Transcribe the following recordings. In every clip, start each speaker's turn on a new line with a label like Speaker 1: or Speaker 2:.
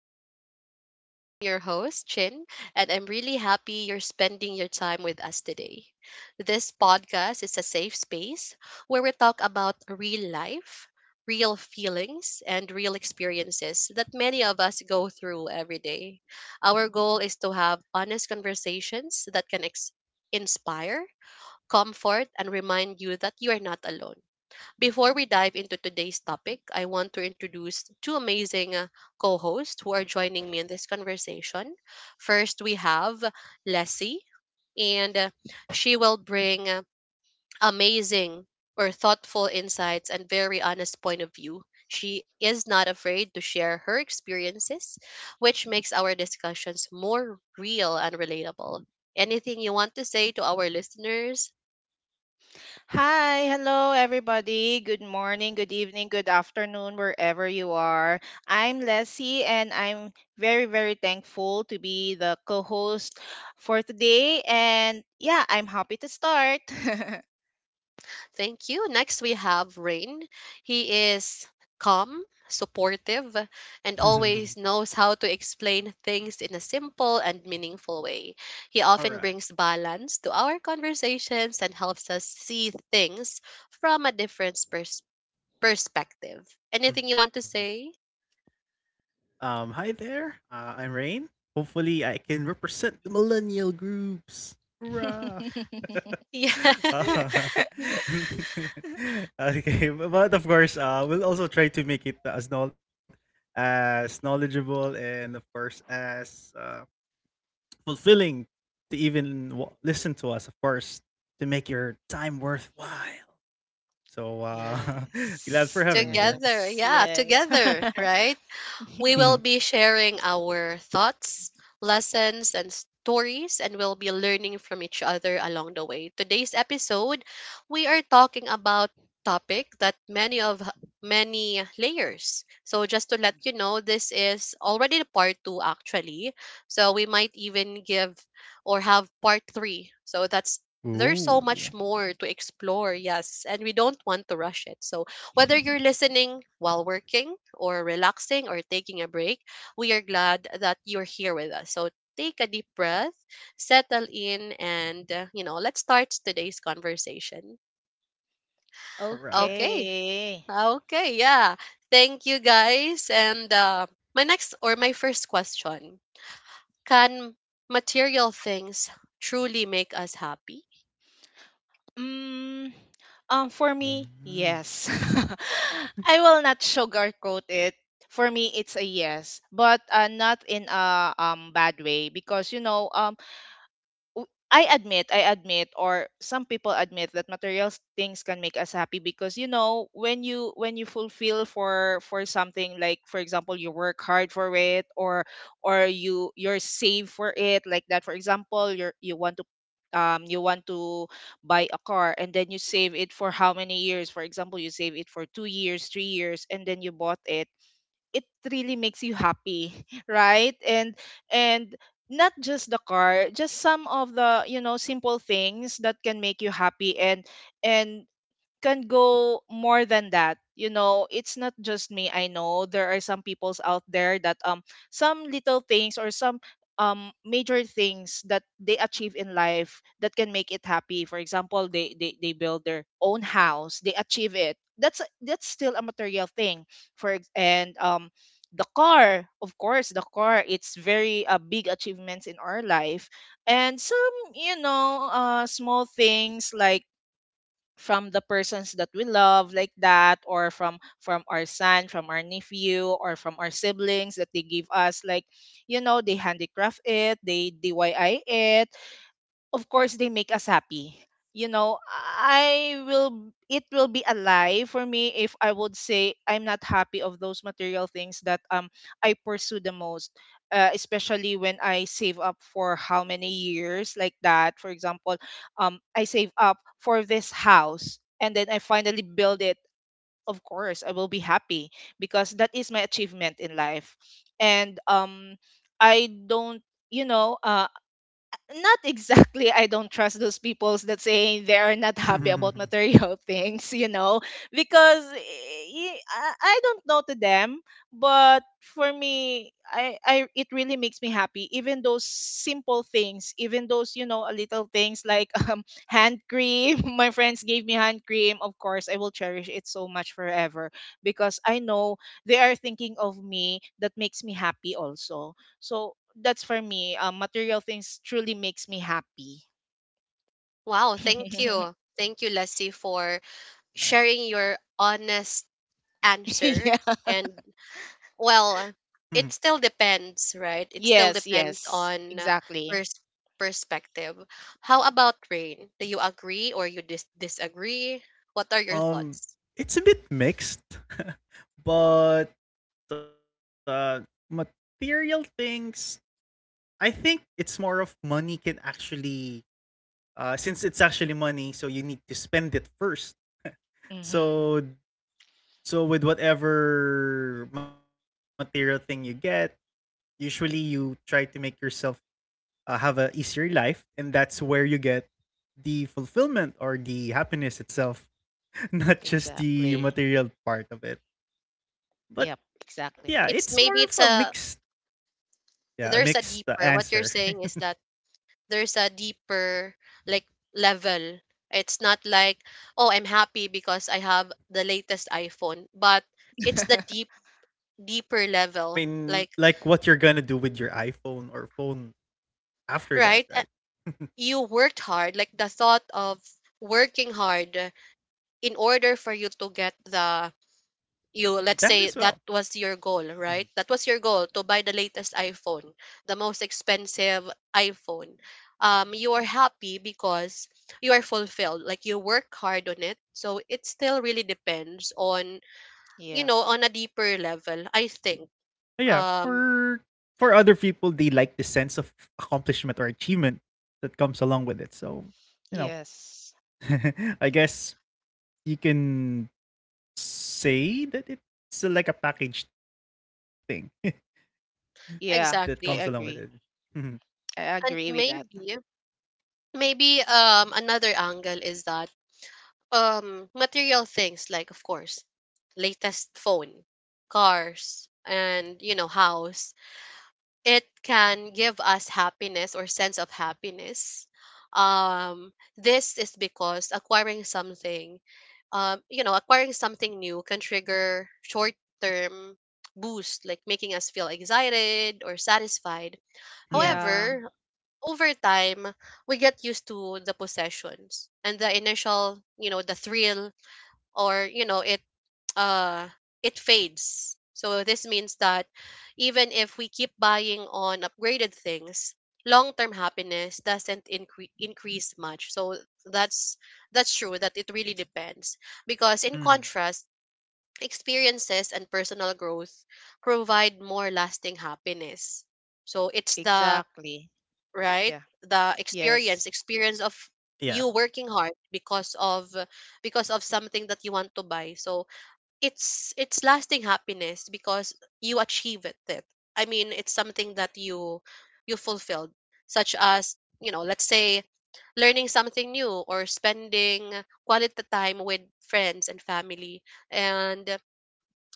Speaker 1: to our podcast. I'm your host, Chin, and I'm really happy you're spending your time with us today. This podcast is a safe space where we talk about real life, real feelings, and real experiences that many of us go through every day. Our goal is to have honest conversations that can inspire, comfort, and remind you that you are not alone. Before we dive into today's topic, I want to introduce two amazing co-hosts who are joining me in this conversation. First, we have Leslie, and she will bring amazing or thoughtful insights and very honest point of view. She is not afraid to share her experiences, which makes our discussions more real and relatable. Anything you want to say to our listeners?
Speaker 2: Hi, hello everybody. Good morning, good evening, good afternoon, wherever you are. I'm Leslie and I'm very, very thankful to be the co host for today. And yeah, I'm happy to start.
Speaker 1: Thank you. Next, we have Rain. He is calm, supportive, and always knows how to explain things in a simple and meaningful way. He
Speaker 3: All
Speaker 1: often
Speaker 3: right.
Speaker 1: brings balance to our conversations and helps us see things from a different perspective. Anything you
Speaker 3: Mhm.
Speaker 1: want to say?
Speaker 3: Hi there. I'm Rain. Hopefully, I can represent the millennial groups. Hurrah!
Speaker 1: Yeah,
Speaker 3: Uh, okay, but of course, we'll also try to make it as as knowledgeable and of course as fulfilling to even listen to us. Of course, to make your time worthwhile. So uh
Speaker 2: Yes,
Speaker 3: glad for having me
Speaker 1: together.
Speaker 3: here.
Speaker 2: yes,
Speaker 1: Yeah,
Speaker 2: yes.
Speaker 1: together, right? We will be sharing our thoughts, lessons, and stories, and we'll be learning from each other along the way. Today's episode, we are talking about topic that many of many layers. So just to let you know, this is already the part two actually. So we might even give or have part three. So that's
Speaker 3: All
Speaker 1: there's so much
Speaker 3: Ooh.
Speaker 1: more to explore, yes, and we don't want to rush it. So whether you're listening while working or relaxing or taking a break, we are glad that you're here with us. So take a deep breath, settle in, and, let's start today's conversation.
Speaker 3: Right.
Speaker 1: Okay.
Speaker 2: Okay.
Speaker 1: Okay. Yeah. Thank you guys. And my next or my first question, can material things truly make us happy?
Speaker 2: Mm, for me,
Speaker 3: Mm.
Speaker 2: yes. I will not sugarcoat it. For me, it's a yes, but not in a bad way, because I admit, or some people admit that material things can make us happy. Because when you fulfill for something, like for example you work hard for it, or you're saved for it, like that. For example, you want to buy a car and then you save it for how many years. For example, you save it for 2 years 3 years and then you bought it really makes you happy. Right. And and not just the car, just some of the simple things that can make you happy. And and can go more than that. You know, it's not just me. I know there are some peoples out there, that some little things or some major things that they achieve in life that can make it happy. For example, they build their own house, they achieve it. That's still a material thing. And the car, of course, the car, it's very big achievements in our life. And some, small things, like from the persons that we love, like that, or from our son, from our nephew, or from our siblings that they give us, like they handicraft it, they diy it. Of course they make us happy you know I will it will be a lie for me if I would say I'm not happy of those material things that I pursue the most. Especially when I save up for how many years, like that, for example. I save up for this house and then I finally build it. Of course I will be happy, because that is my achievement in life. And I don't you know uh, not exactly, I don't trust those people that say they are not happy about material things, because I don't know to them, but for me, I it really makes me happy. Even those simple things, even those little things, like hand cream. My friends gave me hand cream. Of course, I will cherish it so much forever, because I know they are thinking of me. That makes me happy also. So that's for me. Material things truly makes me happy.
Speaker 1: Wow, thank you. Thank you, Leslie, for
Speaker 3: Nice.
Speaker 1: sharing your honest answer.
Speaker 2: Yeah.
Speaker 1: And well, it still depends, right? It still
Speaker 2: Yes.
Speaker 1: depends
Speaker 2: Yes.
Speaker 1: on
Speaker 2: Exactly.
Speaker 1: pers- perspective. How about rain? Do you agree or you disagree? What are your
Speaker 3: um,
Speaker 1: thoughts?
Speaker 3: it's a bit mixed. but uh Material things, I think it's more of money can actually, since it's actually money, so you need to spend it first.
Speaker 2: Mm-hmm.
Speaker 3: So so with whatever material thing you get, usually you try to make yourself have a easier life, and that's where you get the fulfillment or the happiness itself, not just
Speaker 2: Exactly.
Speaker 3: the material part of it. But
Speaker 2: Yep.
Speaker 3: yeah, it's more
Speaker 2: Exactly.
Speaker 3: of a
Speaker 1: It's maybe
Speaker 3: mixed,
Speaker 1: it's a
Speaker 3: yeah, a mixed
Speaker 1: there's a deeper.
Speaker 3: answer.
Speaker 1: What you're saying is that there's a deeper like level. It's not like, oh, I'm happy because I have the latest iPhone, but it's the deep deeper
Speaker 3: Oh yeah, I
Speaker 1: level.
Speaker 3: mean,
Speaker 1: Like,
Speaker 3: like what you're gonna do with your iPhone or phone after
Speaker 1: right?
Speaker 3: that, right?
Speaker 1: You worked hard like the thought of working hard in order for you to get the, you, let's say
Speaker 3: That
Speaker 1: that
Speaker 3: as well.
Speaker 1: was your goal,
Speaker 3: Mhm.
Speaker 1: right? That was your goal to buy the latest iPhone, the most expensive iPhone. You are happy because you are fulfilled, like you work hard on it, so it still really depends on, you
Speaker 2: Yep.
Speaker 1: know, on a deeper level I think.
Speaker 3: But Yeah,
Speaker 1: um
Speaker 3: for other people, they like the sense of accomplishment or achievement that comes along with it. So, you know,
Speaker 2: Yes.
Speaker 3: I guess you can say that it's like a package thing that comes along
Speaker 2: Yeah.
Speaker 3: with it.
Speaker 2: I
Speaker 1: exactly.
Speaker 2: agree.
Speaker 3: Mhm,
Speaker 2: I
Speaker 1: And
Speaker 2: agree with that.
Speaker 1: maybe maybe another angle is that material things, like of course latest phone, cars and, you know, house, it can give us happiness or sense of happiness. This is because acquiring something, you know, acquiring something new can trigger short term boost, like making us feel excited or satisfied.
Speaker 3: mhm,
Speaker 2: Yeah.
Speaker 1: However, over time, we get used to the possessions and the initial, you know, the thrill or, you know, uh it fades. So this means that even if we keep buying on upgraded things, long-term happiness doesn't increase much. So that's that's true that it really depends, because in
Speaker 3: mhm.
Speaker 1: contrast, experiences and personal growth provide more lasting happiness. So it's the
Speaker 2: Exactly.
Speaker 1: right
Speaker 2: Yeah.
Speaker 1: the
Speaker 2: Yes.
Speaker 1: experience of
Speaker 3: Yeah.
Speaker 1: you working hard because of, because of something that you want to buy. So it's lasting happiness because you achieve it. I mean, it's something that you fulfilled, such as, you know, let's say learning something new or spending quality time with friends and family, and,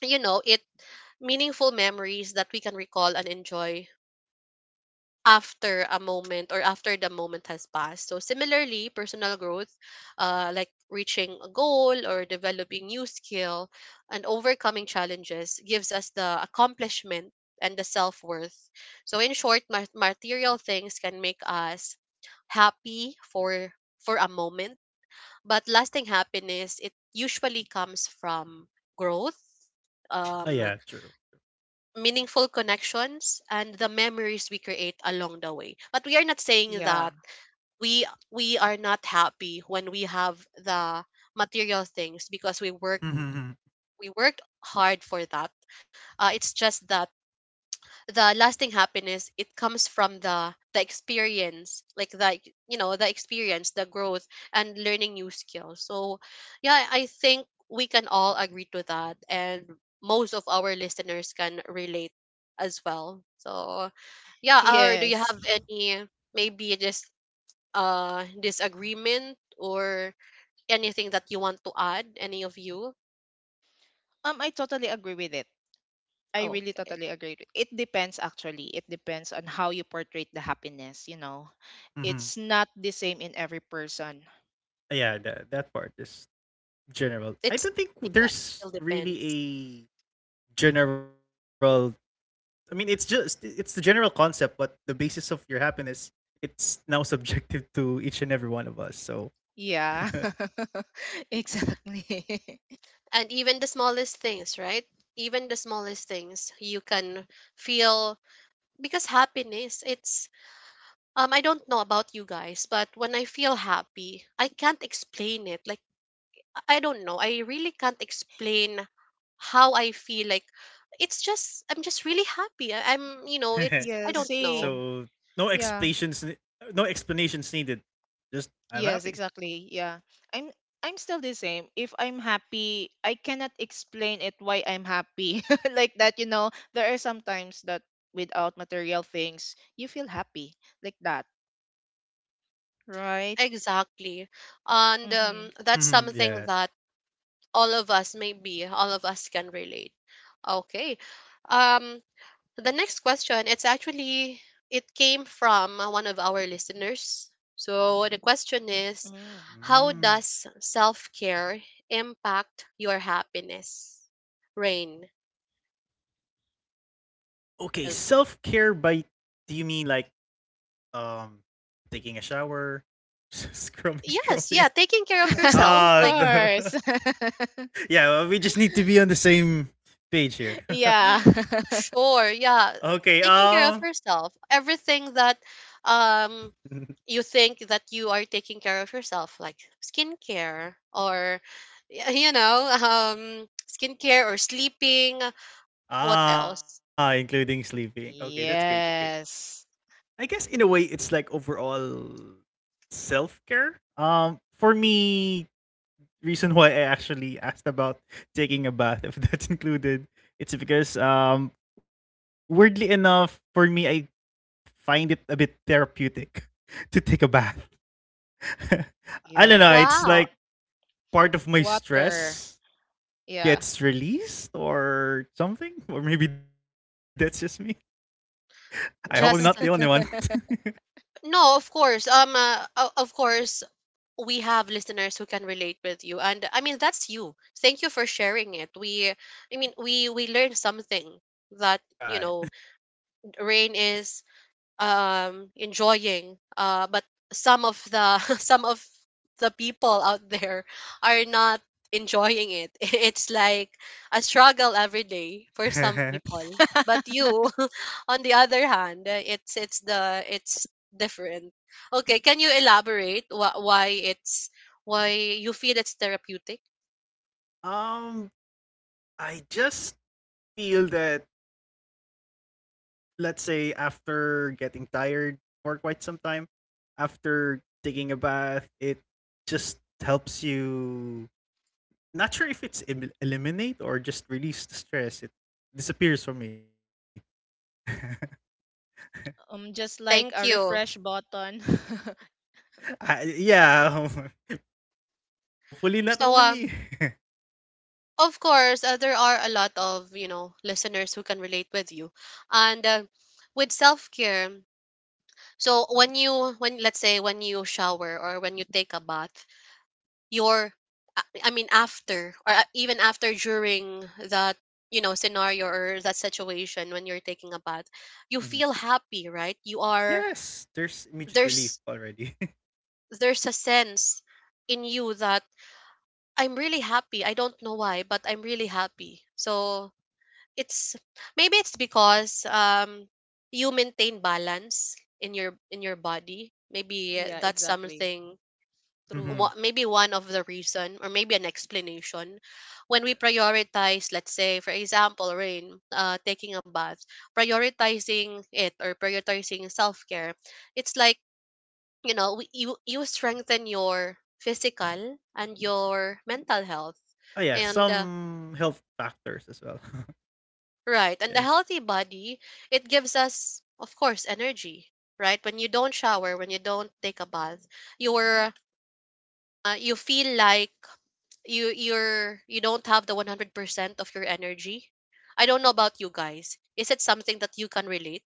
Speaker 1: you know, it meaningful memories that we can recall and enjoy after a moment or after the moment has passed. So similarly, personal growth, like reaching a goal or developing new skill and overcoming challenges gives us the accomplishment and the self-worth. So in short, material things can make us happy for a moment, but lasting happiness it usually comes from growth,
Speaker 3: Oh,
Speaker 1: um,
Speaker 3: yeah, true.
Speaker 1: meaningful connections and the memories we create along the way. But we are not saying
Speaker 2: Yeah.
Speaker 1: that we are not happy when we have the material things, because we work
Speaker 3: Mhm, mhm.
Speaker 1: we worked hard for that. It's just that the lasting happiness it comes from the experience, like the, you know, the experience, the growth and learning new skills. So yeah, I think we can all agree to that, and most of our listeners can relate as well. So yeah, or do you
Speaker 2: Yes.
Speaker 1: have any, maybe just, uh, disagreement or anything that you want to add, any of you?
Speaker 2: I totally agree with it. I
Speaker 1: Oh,
Speaker 2: really
Speaker 1: okay.
Speaker 2: totally agree. It depends actually. It depends on how you portray the happiness.
Speaker 3: Mhm.
Speaker 2: It's not the same in every person.
Speaker 3: Yeah, that part is general. I
Speaker 1: It's
Speaker 3: don't think
Speaker 1: yeah, it
Speaker 3: there's
Speaker 1: still depends.
Speaker 3: really a general. I mean, it's just it's the general concept, but the basis of your happiness, it's now subjective to each and every one of us. So,
Speaker 2: Yeah. Exactly.
Speaker 1: And even the smallest things, right? Even the smallest things you can feel, because happiness it's, I don't know about you guys, but when I feel happy I can't explain it, like I don't know, I really can't explain how I feel, like it's just I'm just really happy. I'm you know it's I
Speaker 2: Yeah,
Speaker 1: don't know.
Speaker 2: same.
Speaker 3: so no
Speaker 2: Yeah.
Speaker 3: explanations, no explanations needed. Just I'm
Speaker 2: Yes,
Speaker 3: happy.
Speaker 2: exactly. Yeah. I'm I'm still the same. If I'm happy, I cannot explain it why I'm happy. Like that, there are some times that without material things, you feel happy. Like that, right?
Speaker 1: Exactly. And
Speaker 2: Mhm.
Speaker 1: that's something
Speaker 3: Mhm,
Speaker 1: that
Speaker 3: yes.
Speaker 1: all of us, maybe all of us can relate. Okay, um so the next question, it's actually it came from one of our listeners. So the question is,
Speaker 2: Mm.
Speaker 1: how does
Speaker 3: Mm.
Speaker 1: self-care impact your happiness? Rain.
Speaker 3: Okay,
Speaker 2: Okay.
Speaker 3: self care, by do you mean like um taking a shower, scrubbing,
Speaker 1: Yes, yeah,
Speaker 3: scrubbing?
Speaker 1: taking care of yourself.
Speaker 2: Of
Speaker 3: Ah,
Speaker 1: Like
Speaker 3: the
Speaker 2: course.
Speaker 3: yeah. Well, we just need to be on the same page here.
Speaker 2: Yeah.
Speaker 3: Okay.
Speaker 1: sure, yeah, taking care of yourself. Everything that um you think that you are taking care of yourself, like skincare or you know, skincare or sleeping, what
Speaker 3: Ah,
Speaker 1: else?
Speaker 3: including sleeping. Okay, that's great. That's great.
Speaker 2: Yes.
Speaker 3: I guess in a way, it's like overall self care. For me, reason why I actually asked about taking a bath, if that's included, it's because weirdly enough, for me I find it a bit therapeutic to take a bath. I don't know,
Speaker 2: Yeah.
Speaker 3: it's like
Speaker 1: Wow.
Speaker 3: part of my
Speaker 2: Water.
Speaker 3: stress
Speaker 2: Yeah.
Speaker 3: gets released or something. Or maybe that's just me. I hope I'm not the only one.
Speaker 1: Just no, of course. Of course, we have listeners who can relate with you, and I mean that's you. Thank you for sharing it. I mean, we learned something that, you
Speaker 3: Alright.
Speaker 1: know, rain is enjoying but some of the some of the people out there are not enjoying it it's like a struggle every day for some people, but you on the other hand, it's the it's different. Okay, can you elaborate why it's why you feel it's therapeutic?
Speaker 3: um I just feel that, let's say after getting tired for quite some time, after taking a bath, it just helps you. Not sure if it's eliminate or just release the stress. It disappears for me.
Speaker 2: Just like
Speaker 1: Thank
Speaker 2: a
Speaker 1: you.
Speaker 2: refresh button.
Speaker 3: I, yeah, hopefully not
Speaker 1: So
Speaker 3: only me.
Speaker 1: of course, there are a lot of, you know, listeners who can relate with you. And with self-care, so when you when let's say when you shower or when you take a bath, your, I mean after or, even after during that, you know, scenario or that situation, when you're taking a bath, you
Speaker 3: Mhm.
Speaker 1: feel happy, right? You are
Speaker 3: Yes, there's immediate relief
Speaker 1: there's
Speaker 3: already.
Speaker 1: there's a sense in you that I'm really happy. I don't know why, but I'm really happy. So it's maybe it's because you maintain balance in your body, maybe
Speaker 2: Yeah,
Speaker 1: that's
Speaker 2: exactly.
Speaker 1: something.
Speaker 2: True.
Speaker 3: Mhm.
Speaker 1: What maybe one of the reason or maybe an explanation, when we
Speaker 3: Yeah.
Speaker 1: prioritize, let's say for example rain, taking a bath, prioritizing it or prioritizing self-care, it's like, you know, you you strengthen your physical and your mental health.
Speaker 3: Oh yeah,
Speaker 1: And
Speaker 3: some health factors as well.
Speaker 1: right. And a
Speaker 3: Yeah.
Speaker 1: healthy body, it gives us, of course, energy, right? When you don't shower, when you don't take a bath, you're, you feel like you don't have the 100% of your energy. I don't know about you guys. Is it something that you can relate?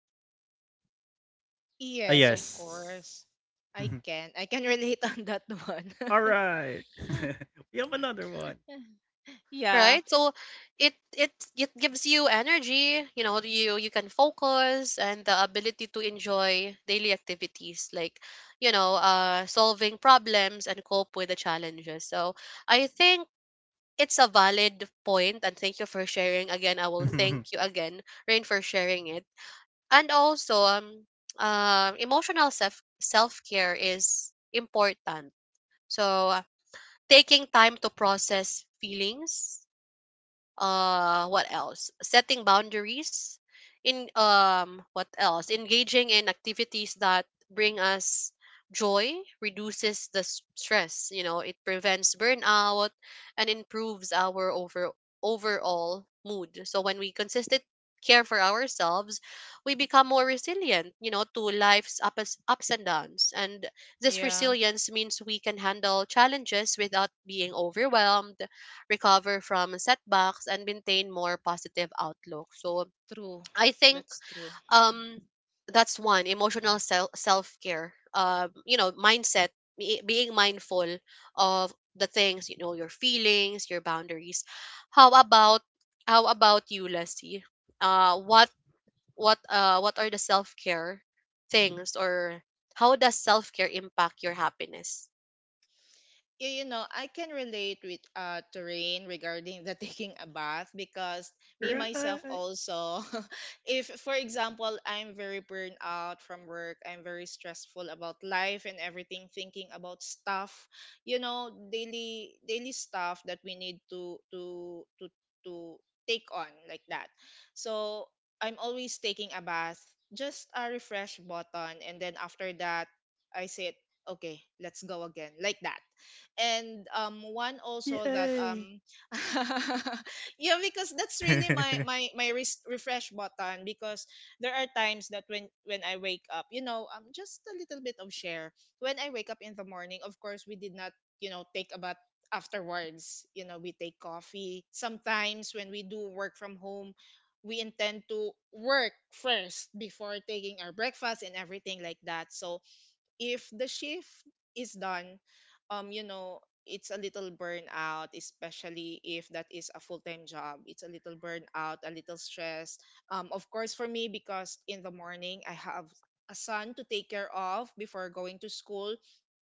Speaker 3: Ah,
Speaker 2: Yes, of
Speaker 3: yes.
Speaker 2: course. I
Speaker 3: Mhm.
Speaker 2: can. I can relate on that one.
Speaker 3: All right. We have another one.
Speaker 2: Yeah.
Speaker 1: Right? So it gives you energy, you know, you can focus and the ability to enjoy daily activities like, you know, solving problems and cope with the challenges. So I think it's a valid point, and thank you for sharing again. I will thank you again, Rain, for sharing it. And also emotional self-care is important. So taking time to process feelings, uh, what else, setting boundaries in, um, what else, engaging in activities that bring us joy, reduces the stress, you know it prevents burnout and improves our overall mood. So when we consistent care for ourselves, we become more resilient, you know, to life's ups and downs, and this
Speaker 2: Yeah.
Speaker 1: resilience means we can handle challenges without being overwhelmed, recover from setbacks and maintain more positive outlook. So
Speaker 2: True.
Speaker 1: I think
Speaker 2: That's true.
Speaker 1: um that's one emotional self care, you know mindset, being mindful of the things, you know, your feelings, your boundaries. How about how about you Leslie, what what are the self care things, or how does self care impact your happiness?
Speaker 2: I can relate with Terrain, regarding the taking a bath, because me myself
Speaker 3: Right.
Speaker 2: also. If for example I'm very burned out from work, I'm very stressful about life and everything, thinking about stuff, you know, daily stuff that we need to take on, like that. So I'm always taking a bath, just a refresh button, and then after that I said, okay, let's go again. Like that. And one also that
Speaker 3: Yay.
Speaker 2: yeah, because that's really my my my res- refresh button, because there are times that when I wake up, just a little bit of share. When I wake up in the morning, of course we did not, take a bath afterwards. We take coffee sometimes. When we do work from home, we intend to work first before taking our breakfast and everything, like that. So if the shift is done, um, you know, it's a little burnout, especially if that is a full time job. It's a little burnout, a little stress. Of course, for me, because in the morning I have a son to take care of before going to school.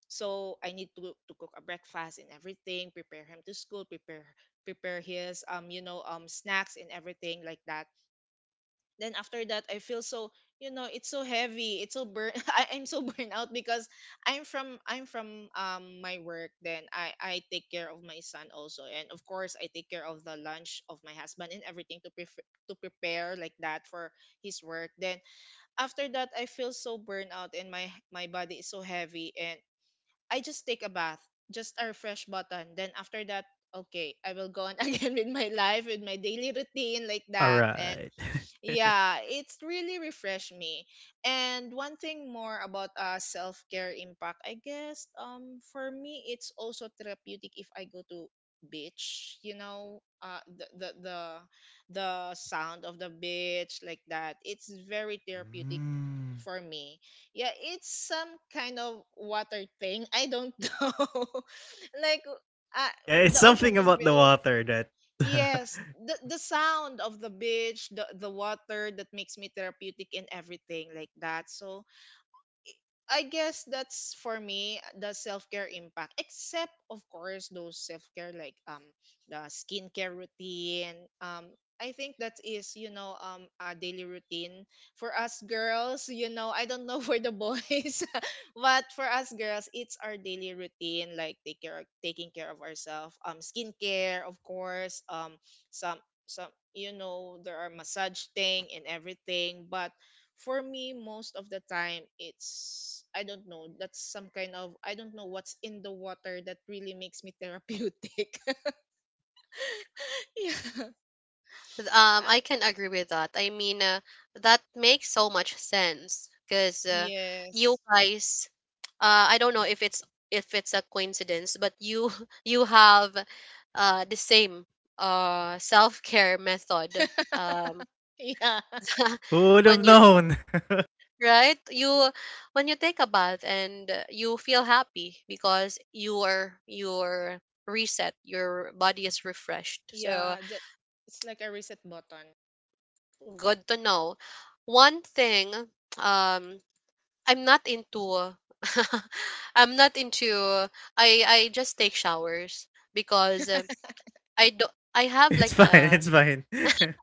Speaker 2: So I need to cook a breakfast and everything, prepare him to school, prepare his snacks and everything, like that. Then after that I feel so. It's so heavy, it's so burn. I'm so burned out, because I'm from my work. Then I take care of my son also, and of course I take care of the lunch of my husband and everything, to prepare, like that, for his work. Then after that I feel so burned out, and my body is so heavy, and I just take a bath, just a refresh button. Then after that, okay, I will go on again with my life, with my daily routine, like
Speaker 3: All
Speaker 2: that. And
Speaker 3: right.
Speaker 2: yeah, it's really refreshed me. And one thing more about self care impact. I guess for me it's also therapeutic if I go to beach, you know, the sound of the beach, like that. It's very therapeutic
Speaker 3: Mm.
Speaker 2: for me. Yeah, it's some kind of water thing. I don't know. Like uh,
Speaker 3: Yeah, it's
Speaker 2: the ocean
Speaker 3: something
Speaker 2: is
Speaker 3: about the
Speaker 2: very.
Speaker 3: water that
Speaker 2: Yes, the sound of the beach, the water that makes me therapeutic and everything, like that. So, I guess that's for me the self care impact. Except of course those self care, like the skincare routine. Um I think that is, a daily routine for us girls. You know I don't know for the boys, but for us girls it's our daily routine, like take care taking care of ourselves. Skincare, of course. Some some, there are massage thing and everything, but for me most of the time it's, I don't know, that's some kind of, I don't know, what's in the water that really makes me therapeutic. Yeah.
Speaker 1: I
Speaker 2: um,
Speaker 1: can agree with that. I mean, that makes so much sense because, you
Speaker 2: yes.
Speaker 1: guys, I don't know if it's a coincidence, but you you have, the same, self care method. Um,
Speaker 2: Yeah,
Speaker 3: who would have
Speaker 1: when you
Speaker 3: known.
Speaker 1: right you when you take a bath and, you feel happy because you're reset, your body is refreshed. So
Speaker 2: yeah, it's like a reset button.
Speaker 1: good to know. One thing, um, I'm not into. I'm not into. I just take showers because, I do. I have
Speaker 3: It's
Speaker 1: like
Speaker 3: fine.
Speaker 1: a.
Speaker 3: It's fine.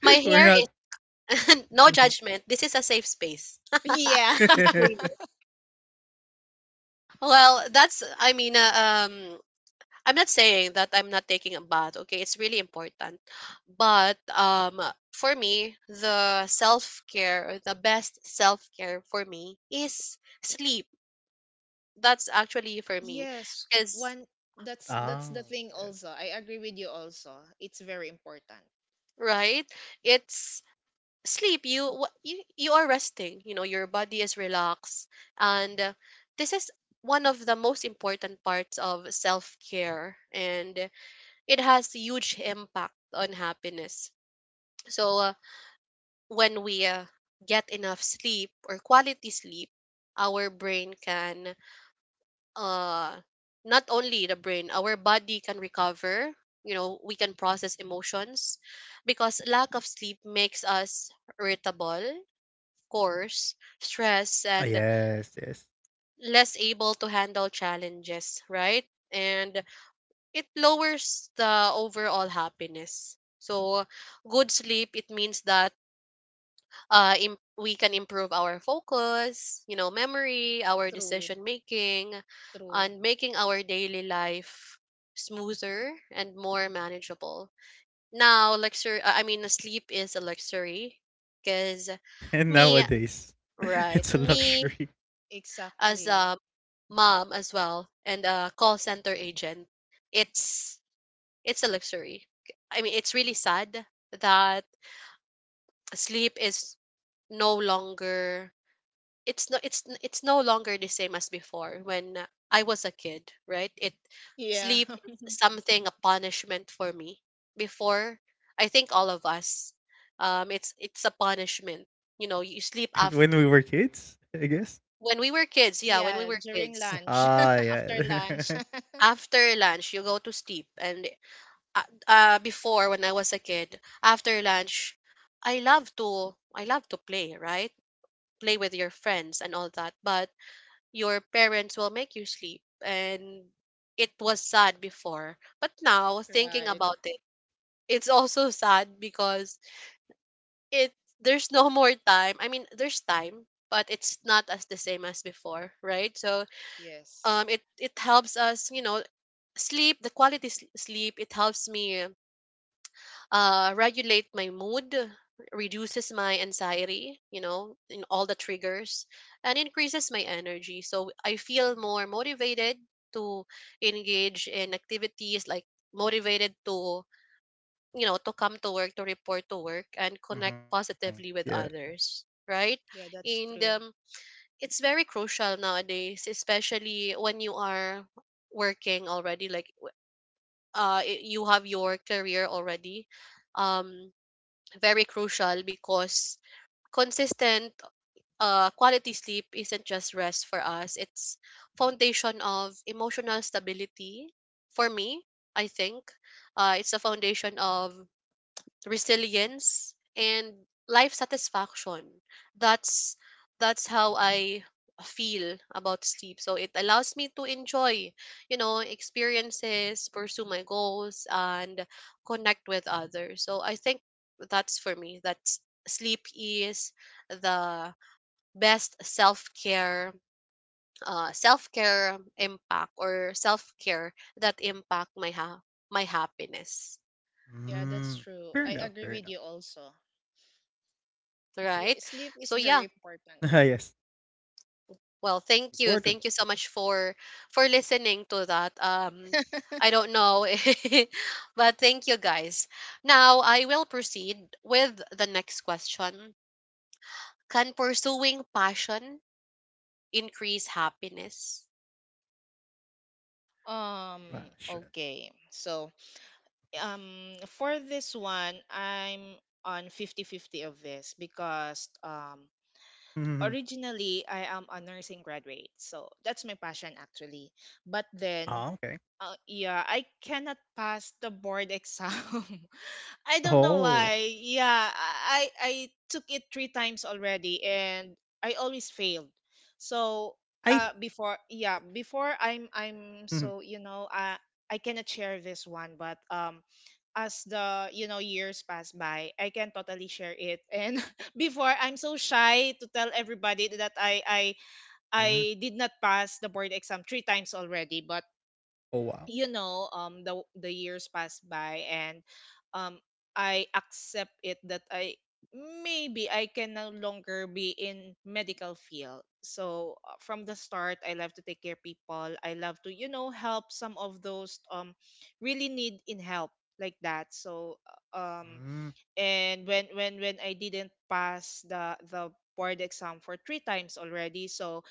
Speaker 1: My
Speaker 3: We're
Speaker 1: hair
Speaker 3: not.
Speaker 1: is no judgment. This is a safe space.
Speaker 2: Yeah.
Speaker 1: Disclaimer. Well, um, I'm not saying that I'm not taking a bath. Okay, it's really important, but for me, the self care, the best self care for me is sleep. That's actually for me
Speaker 2: Yes,
Speaker 1: because
Speaker 2: one. That's the
Speaker 3: Oh
Speaker 2: thing
Speaker 3: yes.
Speaker 2: also. I agree with you also, it's very important.
Speaker 1: right it's sleep. You are resting, you know, your body is relaxed, and this is one of the most important parts of self-care, and it has huge impact on happiness. So when we get enough sleep or quality sleep, our brain can, uh not only the brain, our body can recover, you know, we can process emotions because lack of sleep makes us irritable, of course, stress
Speaker 3: Oh,
Speaker 1: and
Speaker 3: yes, yes.
Speaker 1: less able to handle challenges, right? And it lowers the overall happiness. So good sleep it means that we can improve our focus, you know, memory, our
Speaker 2: True,
Speaker 1: decision making,
Speaker 2: true,
Speaker 1: and making our daily life smoother and more manageable. Now, luxury, I mean, sleep is a luxury because
Speaker 3: And
Speaker 1: me,
Speaker 3: nowadays,
Speaker 1: right,
Speaker 3: it's a
Speaker 1: me
Speaker 3: luxury.
Speaker 1: as
Speaker 2: exactly.
Speaker 1: a mom as well and a call center agent, it's it's a luxury. I mean, it's really sad that sleep is no longer, it's no longer the same as before when I was a kid, right? It
Speaker 2: Yeah.
Speaker 1: sleep is something, a punishment for me. Before, I think all of us, it's it's a punishment. You know, you sleep
Speaker 3: When
Speaker 1: after,
Speaker 3: we were kids, I guess.
Speaker 1: when we were kids. Yeah, when we
Speaker 2: Yeah,
Speaker 1: were
Speaker 2: during
Speaker 1: kids,
Speaker 2: lunch,
Speaker 3: Ah,
Speaker 2: after lunch.
Speaker 3: yeah.
Speaker 1: after lunch you go to sleep, and before when I was a kid, after lunch, I love to play, right? Play with your friends and all that, but your parents will make you sleep, and it was sad before, but now thinking
Speaker 2: Right.
Speaker 1: about it, it's also sad because it there's no more time. I mean, there's time but it's not as the same as before, right? So
Speaker 2: Yes.
Speaker 1: it it helps us, you know, sleep, the sleep, it helps me regulate my mood, reduces my anxiety, you know, in all the triggers, and increases my energy. So I feel more motivated to engage in activities, like motivated to, you know, to come to work, to report to work, and connect
Speaker 3: Mhm. Yeah.
Speaker 1: positively with others, right?
Speaker 2: Yeah, that's
Speaker 1: And
Speaker 2: true.
Speaker 1: It's very crucial nowadays, especially when you are working already, like you have your career already. um Very crucial because consistent quality sleep isn't just rest for us, it's foundation of emotional stability. For me, I think it's a foundation of resilience and life satisfaction. that's that's how I feel about sleep. So it allows me to enjoy, you know, experiences, pursue my goals, and connect with others. So I think that's for me, sleep is the best self-care, self-care impact or self-care that impact my happiness,
Speaker 2: Yeah, that's
Speaker 3: Mm.
Speaker 2: true.
Speaker 3: Fair
Speaker 2: I
Speaker 3: enough.
Speaker 2: agree
Speaker 3: Fair
Speaker 2: with
Speaker 3: enough.
Speaker 2: you also. Yeah,
Speaker 1: right?
Speaker 2: sleep
Speaker 1: So
Speaker 2: is
Speaker 1: yeah.
Speaker 2: very
Speaker 3: Ah, yes.
Speaker 2: important.
Speaker 1: Well, thank
Speaker 3: Important.
Speaker 1: you. Thank you
Speaker 3: Important.
Speaker 1: so much for listening to that. Um, I don't know, but thank you guys. Now, I will proceed with the next question. Can pursuing passion increase happiness?
Speaker 2: Um,
Speaker 3: Ah, shit.
Speaker 2: okay. So, for this one, I'm on 50-50 of this, because
Speaker 3: Mhm.
Speaker 2: originally I am a nursing graduate. So, that's my passion actually. But
Speaker 3: Ah, okay.
Speaker 2: then yeah, I cannot pass the board exam. I don't know
Speaker 3: Oh,
Speaker 2: why. Yeah, I took it three times already, and I always failed.
Speaker 3: I
Speaker 2: So
Speaker 3: th-
Speaker 2: before, yeah, before I'm
Speaker 3: Mhm.
Speaker 2: I'm so, I cannot share this one, but as, the years pass by, I can totally share it. And, before, I'm so shy to tell everybody that I I
Speaker 3: Mm.
Speaker 2: I did not pass the board exam three times already, but
Speaker 3: Oh wow.
Speaker 2: you know, the years pass by, and um I accept it that I maybe I can no longer be in medical field. So from the start I love to take care people, I love to, you know, help some of those really need in help, like that. So uh, um
Speaker 3: Mm.
Speaker 2: and when I didn't pass the board exam for three times already. So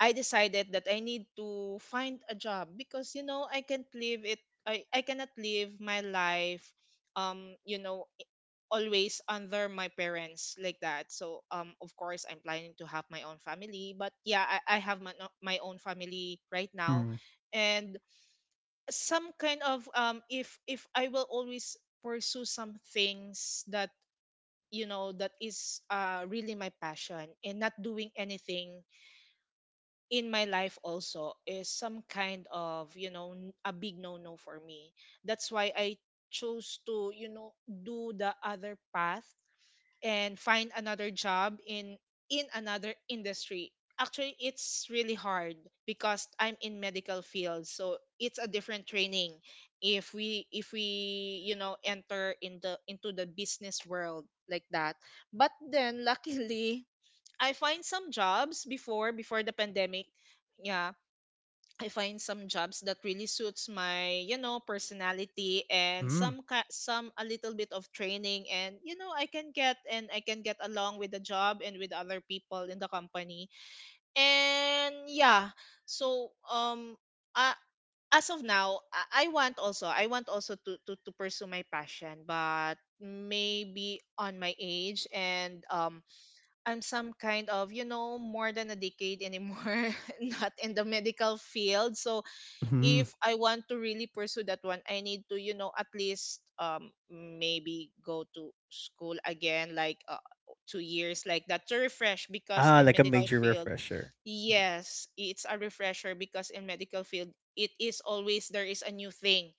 Speaker 2: I decided that I need to find a job because, you know, I can't live it. I cannot live my life, you know, always under my parents, like that. So
Speaker 3: Ah,
Speaker 2: of
Speaker 3: okay.
Speaker 2: course I'm planning to have my own family, but yeah, I have my, no- my own family right now.
Speaker 3: Hmm.
Speaker 2: And some kind of, if I will always pursue some things that, you know, that is really my passion, and not doing anything in my life also is some kind of, you know, a big no no for me. That's why I chose to, you know, do the other path and find another job in another industry. Actually it's really hard because I'm in medical field, so it's a different training if we you know enter in the into the business world, like that. But then luckily I find some jobs before the pandemic. Yeah, I find some jobs that really suits my, you know, personality and
Speaker 3: Mm.
Speaker 2: some a little bit of training, and you know I can get, and I can get along with the job and with other people in the company. And yeah, so uh, as of now, I want also, I want also to pursue my passion, but maybe on my age, and I'm some kind of, you know, more than a decade anymore, not in the medical field. So
Speaker 3: Hmm.
Speaker 2: if I want to really pursue that one, I need to, you know, at least maybe go to school again, like 2 years like that, to refresh because
Speaker 3: Ah,
Speaker 2: in
Speaker 3: like a
Speaker 2: medical
Speaker 3: major
Speaker 2: field,
Speaker 3: refresher. Mhm.
Speaker 2: yes, it's a refresher because in medical field it is always there is a new thing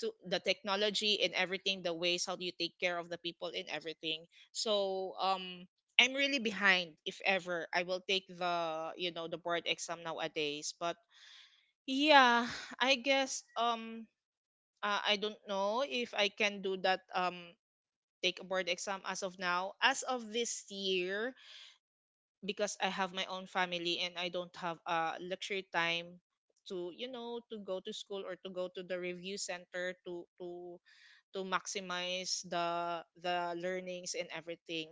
Speaker 2: to the technology and everything, the ways how do you take care of the people and everything. So I'm really behind if ever I will take the, you know, the board exam nowadays, but yeah, I guess I don't know if I can do that take a board exam as of now. As of this year, because I have my own family and I don't have luxury time to, you know, to go to school or to go to the review center to maximize the learnings and everything.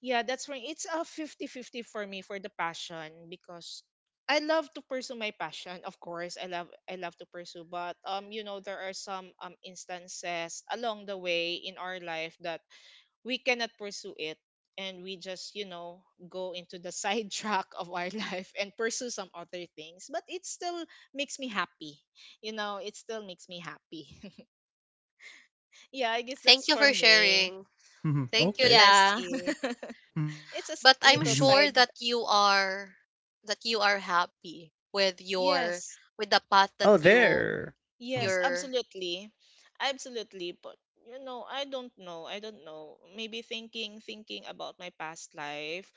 Speaker 2: Yeah, that's right. It's a fifty-fifty for me for the passion, because I love to pursue my passion. Of course, I love to pursue, but you know there are some instances along the way in our life that we cannot pursue it, and we just, you know, go into the side track of our life and pursue some other things, but it still makes me happy. You know, it still makes me happy. Yeah, I guess that's
Speaker 1: Thank you
Speaker 2: for
Speaker 1: for
Speaker 2: me.
Speaker 1: sharing.
Speaker 3: Hmm.
Speaker 1: Thank you,
Speaker 3: Okay.
Speaker 2: Yeah.
Speaker 1: Leslie.
Speaker 3: Mhm.
Speaker 2: It's a
Speaker 1: But I'm
Speaker 2: little
Speaker 1: sure
Speaker 2: side.
Speaker 1: that you are, that you are happy with your,
Speaker 2: Yes,
Speaker 1: with the
Speaker 3: Oh,
Speaker 1: path that you,
Speaker 3: there. Mhm.
Speaker 2: yes,
Speaker 1: you're
Speaker 2: absolutely. Absolutely. But you know, I don't know. I don't know. Maybe thinking about my past life,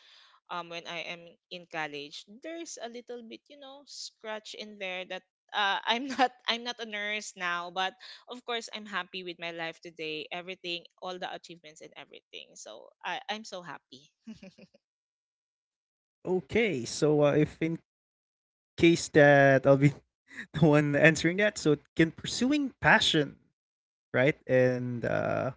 Speaker 2: when I am in college, there's a little bit, you know, scratch in there that I'm not I'm not a nurse now, but of course I'm happy with my life today, everything, all the achievements and everything. So I'm so happy.
Speaker 3: Okay. So, if in case that I'll be the one answering that, so can pursuing passion, right? And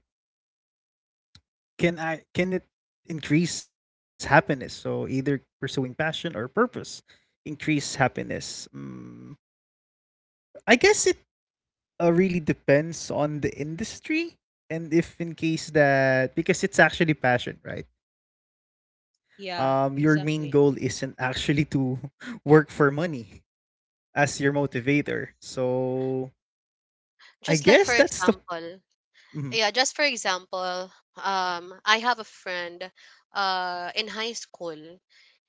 Speaker 3: can I, can it increase happiness? So either pursuing passion or purpose. Increase happiness? I guess it really depends on the industry and if in case that, because it's actually passion, right? Your main goal
Speaker 2: Yeah,
Speaker 3: isn't actually
Speaker 2: exactly.
Speaker 3: to work for money as your motivator. So I
Speaker 1: just
Speaker 3: guess
Speaker 1: like for
Speaker 3: that's the
Speaker 1: example.
Speaker 3: mhm.
Speaker 1: Yeah, just for example, I have a friend in high school.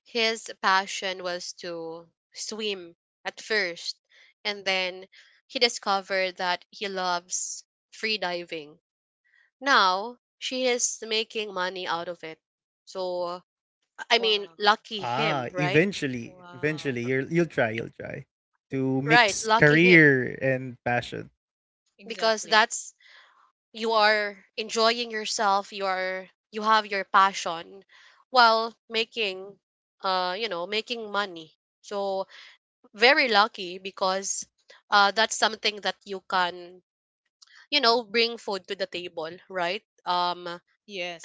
Speaker 1: His passion was to swim at first, and then he discovered that he loves free diving. Now she is making money out of it. So I mean,
Speaker 2: Wow.
Speaker 1: lucky
Speaker 3: Ah,
Speaker 1: him, right?
Speaker 3: eventually,
Speaker 2: Wow.
Speaker 3: eventually you'll try to
Speaker 1: Right,
Speaker 3: mix
Speaker 1: lucky him,
Speaker 3: career and passion
Speaker 1: because
Speaker 2: Exactly.
Speaker 1: that's, you are enjoying yourself, you are, you have your passion while making you know, making money. So very lucky, because that's something that you can, you know, bring food to the table, right?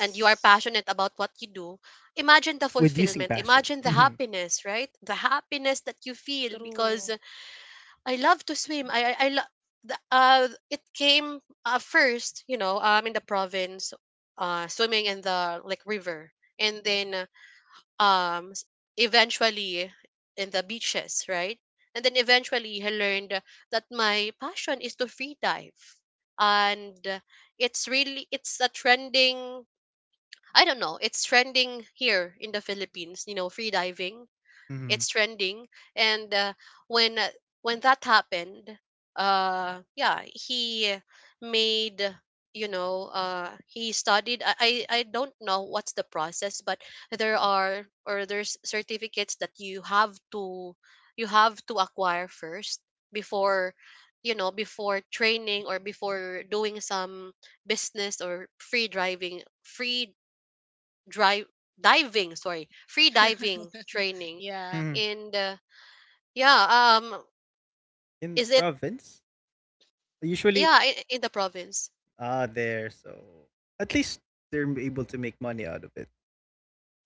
Speaker 1: And you are passionate about what you do.
Speaker 3: with using
Speaker 1: Imagine the
Speaker 3: passion.
Speaker 1: fulfillment,
Speaker 3: Mhm.
Speaker 1: imagine the happiness, right? The happiness that you feel because
Speaker 2: True.
Speaker 1: I love to swim. I the, it came first, you know, in the province, swimming in the like river, and then um s- eventually in the beaches, right? And then eventually I learned that my passion is to free dive, and it's really, it's a trending. I don't know. It's trending here in the Philippines, you know, free diving,
Speaker 3: Mhm.
Speaker 1: it's trending. And when uh, when that happened, yeah, he made, you know, he studied. I don't know what's the process, but there are, or there's certificates that you have to, you have to acquire first before, you know, before training or before doing some business or free driving free drive diving sorry free diving training
Speaker 2: Yeah,
Speaker 3: Mhm.
Speaker 1: in the, yeah,
Speaker 3: In the
Speaker 1: is it,
Speaker 3: province. Usually,
Speaker 1: yeah, in the province,
Speaker 3: ah, there. So at least they're able to make money out of it.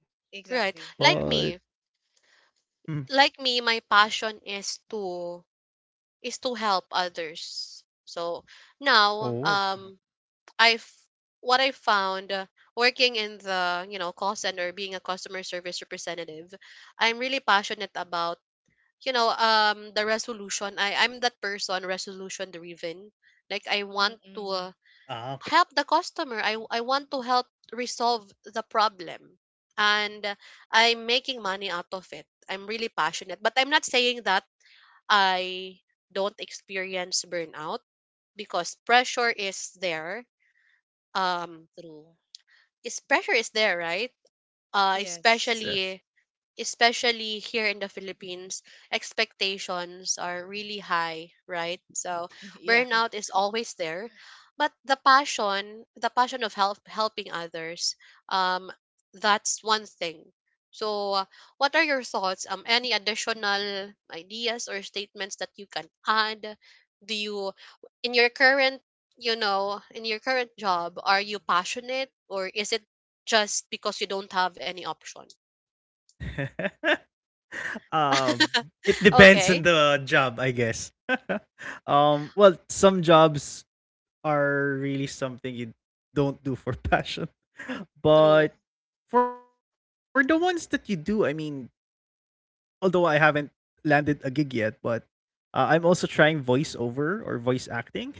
Speaker 3: But
Speaker 1: right?
Speaker 2: exactly.
Speaker 1: Like
Speaker 2: Yeah.
Speaker 1: me,
Speaker 3: mhm.
Speaker 1: like me, my passion is to, is to help others. So now
Speaker 3: Oh. Mhm.
Speaker 1: I've what I found, working in the, you know, call center, being a customer service representative, I'm really passionate about, you know, the resolution. I'm that person, resolution driven. Like I want to
Speaker 2: Mm-mm.
Speaker 3: Ah, okay.
Speaker 1: help the customer. I want to help resolve the problem, and I'm making money out of it. I'm really passionate, but I'm not saying that I don't experience burnout because pressure is there. Um
Speaker 2: True.
Speaker 1: is Pressure is there, right?
Speaker 3: Ah, yes, yes,
Speaker 2: Yes.
Speaker 3: yes.
Speaker 1: Especially, especially here in the Philippines, expectations are really high, right? So
Speaker 2: Yeah.
Speaker 1: burnout is always there, but the passion of helping others, um, that's one thing. So, what are your thoughts? Any additional ideas or statements that you can add? Do you, in your current, you know, in your current job, are you passionate, or is it just because you don't have any option?
Speaker 3: um, it depends
Speaker 1: Okay.
Speaker 3: on the job, I guess. Well, some jobs are really something you don't do for passion, but
Speaker 2: True.
Speaker 3: for the ones that you do, I mean, although I haven't landed a gig yet, but I'm also trying voiceover or voice acting.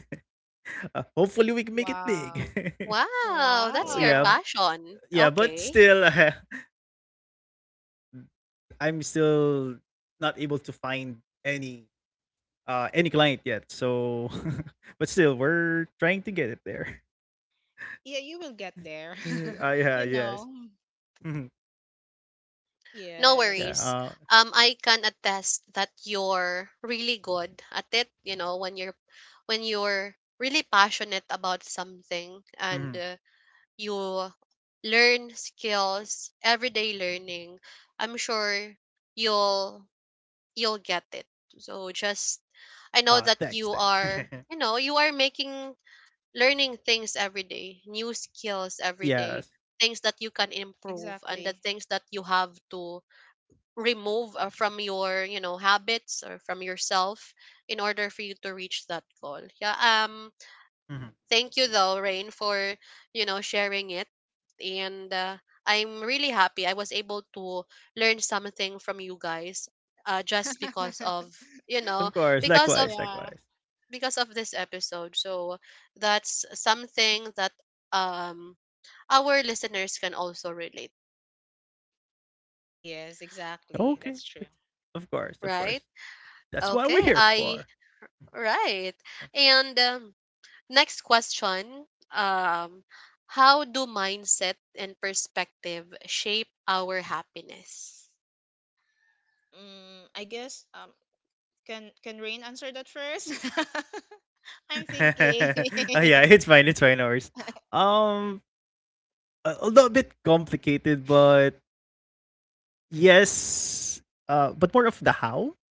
Speaker 3: Hopefully, we can make it big.
Speaker 2: Wow.
Speaker 1: Wow, that's
Speaker 3: Oh,
Speaker 1: your
Speaker 3: yeah,
Speaker 2: Wow.
Speaker 1: passion.
Speaker 3: yeah, but
Speaker 1: Okay.
Speaker 3: still, I'm still not able to find any any client yet. So, but still, we're trying to get it there.
Speaker 2: Yeah, you will get there.
Speaker 3: Ah, yeah,
Speaker 2: You
Speaker 3: yes,
Speaker 2: know.
Speaker 3: mhm. Yeah.
Speaker 1: No
Speaker 2: Yes,
Speaker 1: worries. I can attest that you're really good at it, you know, when you're, when you're really passionate about something, and
Speaker 3: Mhm.
Speaker 1: uh, you learn skills, everyday learning, I'm sure you'll you'll get it. So just, I know
Speaker 3: Ah,
Speaker 1: that
Speaker 3: thanks,
Speaker 1: you
Speaker 3: thanks.
Speaker 1: are, you know, you are making, learning things every day, new skills every day,
Speaker 3: Yes,
Speaker 1: things that you can improve and the
Speaker 2: exactly.
Speaker 1: things that you have to remove, from your, you know, habits or from yourself, in order for you to reach that goal. Yeah,
Speaker 3: mhm.
Speaker 1: thank you though, Rain, for, you know, sharing it, and I'm really happy I was able to learn something from you guys, just because of, you know,
Speaker 3: Of course.
Speaker 1: because of
Speaker 3: Likewise,
Speaker 2: Yeah.
Speaker 3: likewise.
Speaker 1: because of this episode. So that's something that um our listeners can also relate,
Speaker 2: Yes, exactly.
Speaker 3: Okay,
Speaker 2: That's true.
Speaker 3: it's- of course, of
Speaker 1: right?
Speaker 3: course. That's what we're
Speaker 1: Okay,
Speaker 3: here
Speaker 1: I
Speaker 3: for. Yeah.
Speaker 1: right. And Next question, um how do mindset and perspective shape our happiness?
Speaker 2: Mm, I guess can Rain answer that first? I'm thinking.
Speaker 3: Oh, yeah, it's fine. It's fine. Ours. Um, a a little bit complicated, but yes. But more of the how.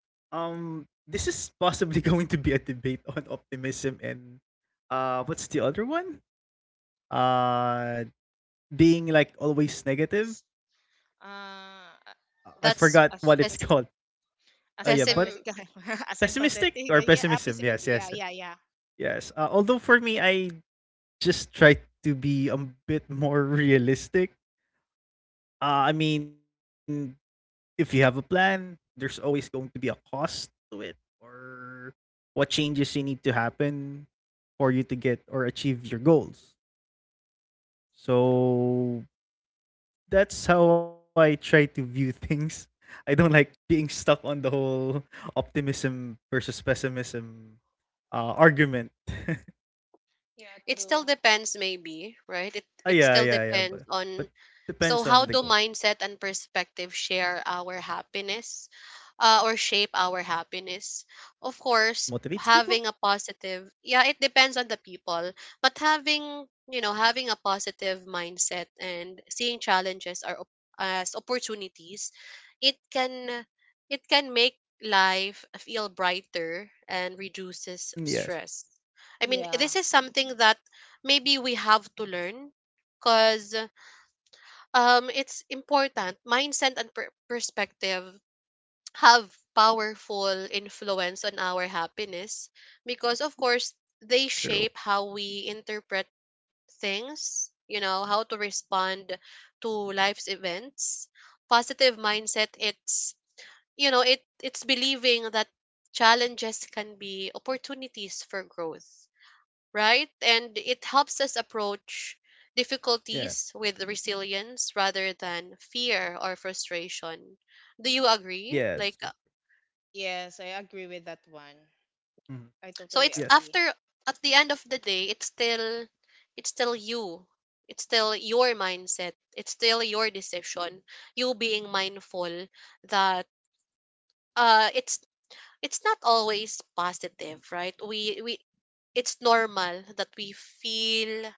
Speaker 3: This is possibly going to be a debate on optimism and what's the other one? Uh, Being like always negative.
Speaker 2: Uh,
Speaker 3: I forgot what it's
Speaker 1: That's
Speaker 3: called.
Speaker 2: as,
Speaker 1: pes-
Speaker 3: Yeah,
Speaker 2: As
Speaker 3: but
Speaker 1: pessim,
Speaker 2: sympathetic, as
Speaker 3: pessimistic or
Speaker 2: empathetic. Yeah,
Speaker 3: pessimism. Yes,
Speaker 2: approximately,
Speaker 3: yes,
Speaker 2: yeah, yeah, yeah.
Speaker 3: yes. Although for me, I just try to be a bit more realistic. I mean, if you have a plan, there's always going to be a cost to it, or what changes you need to happen for you to get or achieve your goals.
Speaker 2: True.
Speaker 3: So that's how I try to view things. I don't like being stuck on the whole optimism versus pessimism argument.
Speaker 2: Yeah,
Speaker 1: it still
Speaker 2: true.
Speaker 1: depends, maybe, right? it
Speaker 3: Ah,
Speaker 1: it
Speaker 3: yeah,
Speaker 1: still
Speaker 3: yeah, yeah.
Speaker 1: depends
Speaker 3: But
Speaker 1: on, so
Speaker 3: depends
Speaker 1: how
Speaker 3: on the
Speaker 1: do
Speaker 3: goal.
Speaker 1: mindset and perspective share our happiness, or shape our happiness. Of
Speaker 3: Motivates
Speaker 1: course,
Speaker 3: people.
Speaker 1: having a positive, yeah, it depends on the people, but having, you know, having a positive mindset and seeing challenges as opportunities, it can, it can make life feel brighter and reduces
Speaker 3: Mm, yes,
Speaker 1: stress. I mean,
Speaker 2: Yeah,
Speaker 1: this is something that maybe we have to learn because it's important. Mindset and perspective have powerful influence on our happiness because, of course, they
Speaker 3: true.
Speaker 1: shape how we interpret things, you know, how to respond to life's events. Positive mindset, it's, you know, it, it's believing that challenges can be opportunities for growth, right? And it helps us approach
Speaker 3: Yes,
Speaker 1: difficulties with resilience rather than fear or frustration. Do you
Speaker 3: yes, true.
Speaker 1: agree? Like
Speaker 2: yes, I agree with that one.
Speaker 3: Mhm.
Speaker 2: I
Speaker 1: so
Speaker 2: totally
Speaker 1: it's
Speaker 3: Yes.
Speaker 2: agree.
Speaker 1: after, at the end of the day it's still, it's still you. It's still your mindset. It's still your decision. You being mindful that uh it's it's not always positive, right? We, it's normal that we feel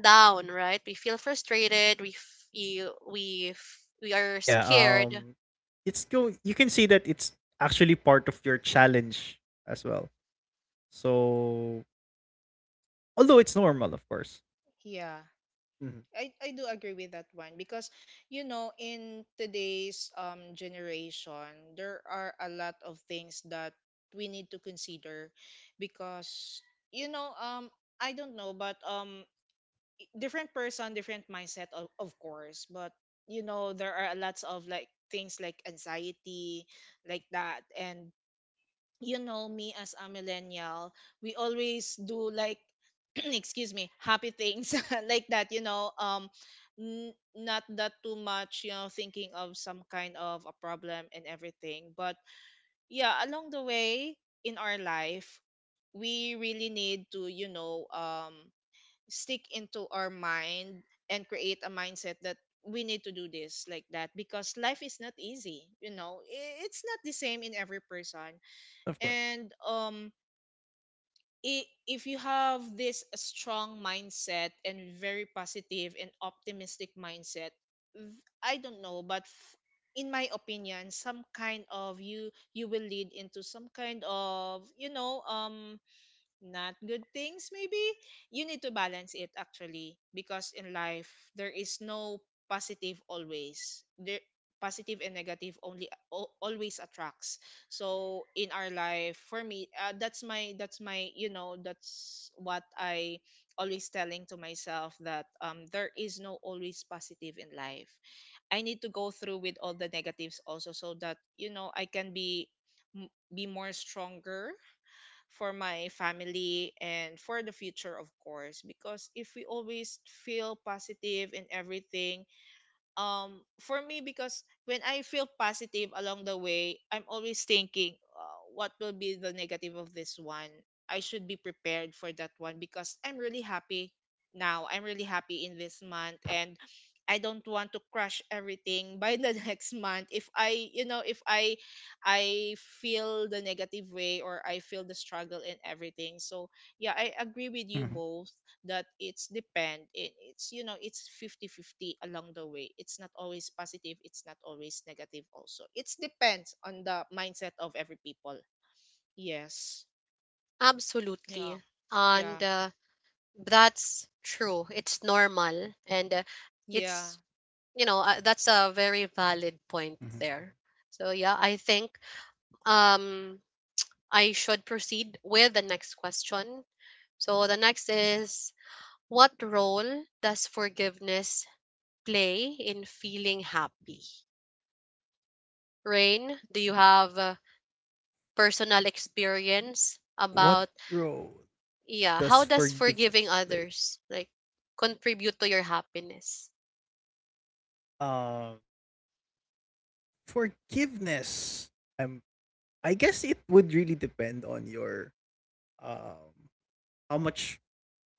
Speaker 1: down, right? We feel frustrated. We
Speaker 3: Ah,
Speaker 1: are
Speaker 3: yeah.
Speaker 1: scared.
Speaker 3: It's go. You can see that it's actually part of your challenge as well. So although it's normal, of course.
Speaker 2: Yeah,
Speaker 3: Mhm.
Speaker 2: I do agree with that one, because you know in today's generation there are a lot of things that we need to consider, because you know, I don't know, but different person, different mindset, of course. But you know, there are lots of like things like anxiety, like that. And you know, me as a millennial, we always do like, excuse me, happy things like that. You know, not that too much. You know, thinking of some kind of a problem and everything. But yeah, along the way in our life, we really need to, you know, stick into our mind and create a mindset that we need to do this like that, because life is not easy, you know, it's not the same in every person,
Speaker 3: Of course.
Speaker 2: and if you have this strong mindset and very positive and optimistic mindset, I don't know, but in my opinion, some kind of you will lead into some kind of, you know, not good things maybe. You need to balance it actually, because in life there is no positive always there, positive and negative only always attracts. So in our life, for me, that's my you know that's what I always telling to myself that there is no always positive in life. I need to go through with all the negatives also, so that you know I can be be more stronger for my family and for the future, of course, because if we always feel positive in everything, for me, because when I feel positive along the way, I'm always thinking, what will be the negative of this one. I should be prepared for that one because I'm really happy now. I'm really happy in this month, and I don't want to crush everything by the next month, if I you know, if I feel the negative way or I feel the struggle and everything. So yeah, I agree with you
Speaker 3: Mhm.
Speaker 2: both that it's, you know, it's fifty fifty along the way, it's not always positive, it's not always negative also, it depends on the mindset of every people. Yes. Yeah.
Speaker 1: Absolutely,
Speaker 2: Yeah,
Speaker 1: and that's true. It's normal, and
Speaker 2: yeah.
Speaker 1: it's, you know, that's a very valid point there. So yeah, I think um I should proceed with the next question. So the next is, what role does forgiveness play in feeling happy? Rain, do you have, personal experience
Speaker 3: What
Speaker 1: about,
Speaker 3: role
Speaker 1: yeah,
Speaker 3: does
Speaker 1: how does forgiving
Speaker 3: forgiveness play?
Speaker 1: others like contribute to your happiness?
Speaker 3: Um, Forgiveness. Um, I guess it would really depend on your um how much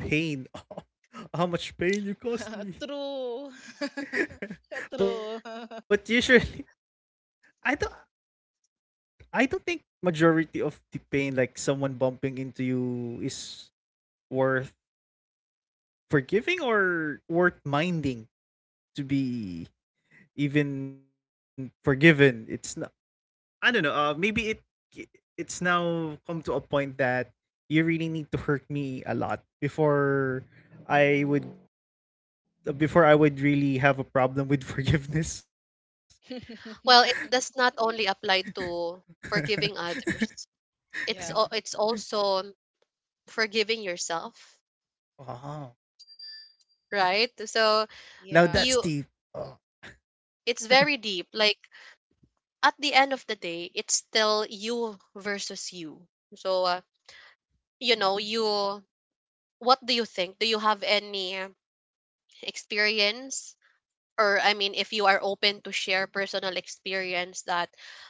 Speaker 3: pain, how much pain you caused me.
Speaker 2: True. True.
Speaker 3: But usually, I don't. I don't think majority of the pain, like someone bumping into you, is worth forgiving or worth minding to be even forgiven. It's not. I don't know. Maybe it, it's now come to a point that you really need to hurt me a lot before I would I would really have a problem with forgiveness.
Speaker 1: Well, it does not only apply to forgiving others,
Speaker 2: Yeah,
Speaker 1: it's also forgiving yourself,
Speaker 3: Wow.
Speaker 1: right? So
Speaker 3: Now
Speaker 2: yeah.
Speaker 3: that's
Speaker 1: you,
Speaker 3: deep. Oh.
Speaker 1: it's very deep, like at the end of the day it's still you versus you. So you know, you, what do you think? Do you have any experience, or I mean, if you are open to share personal experience that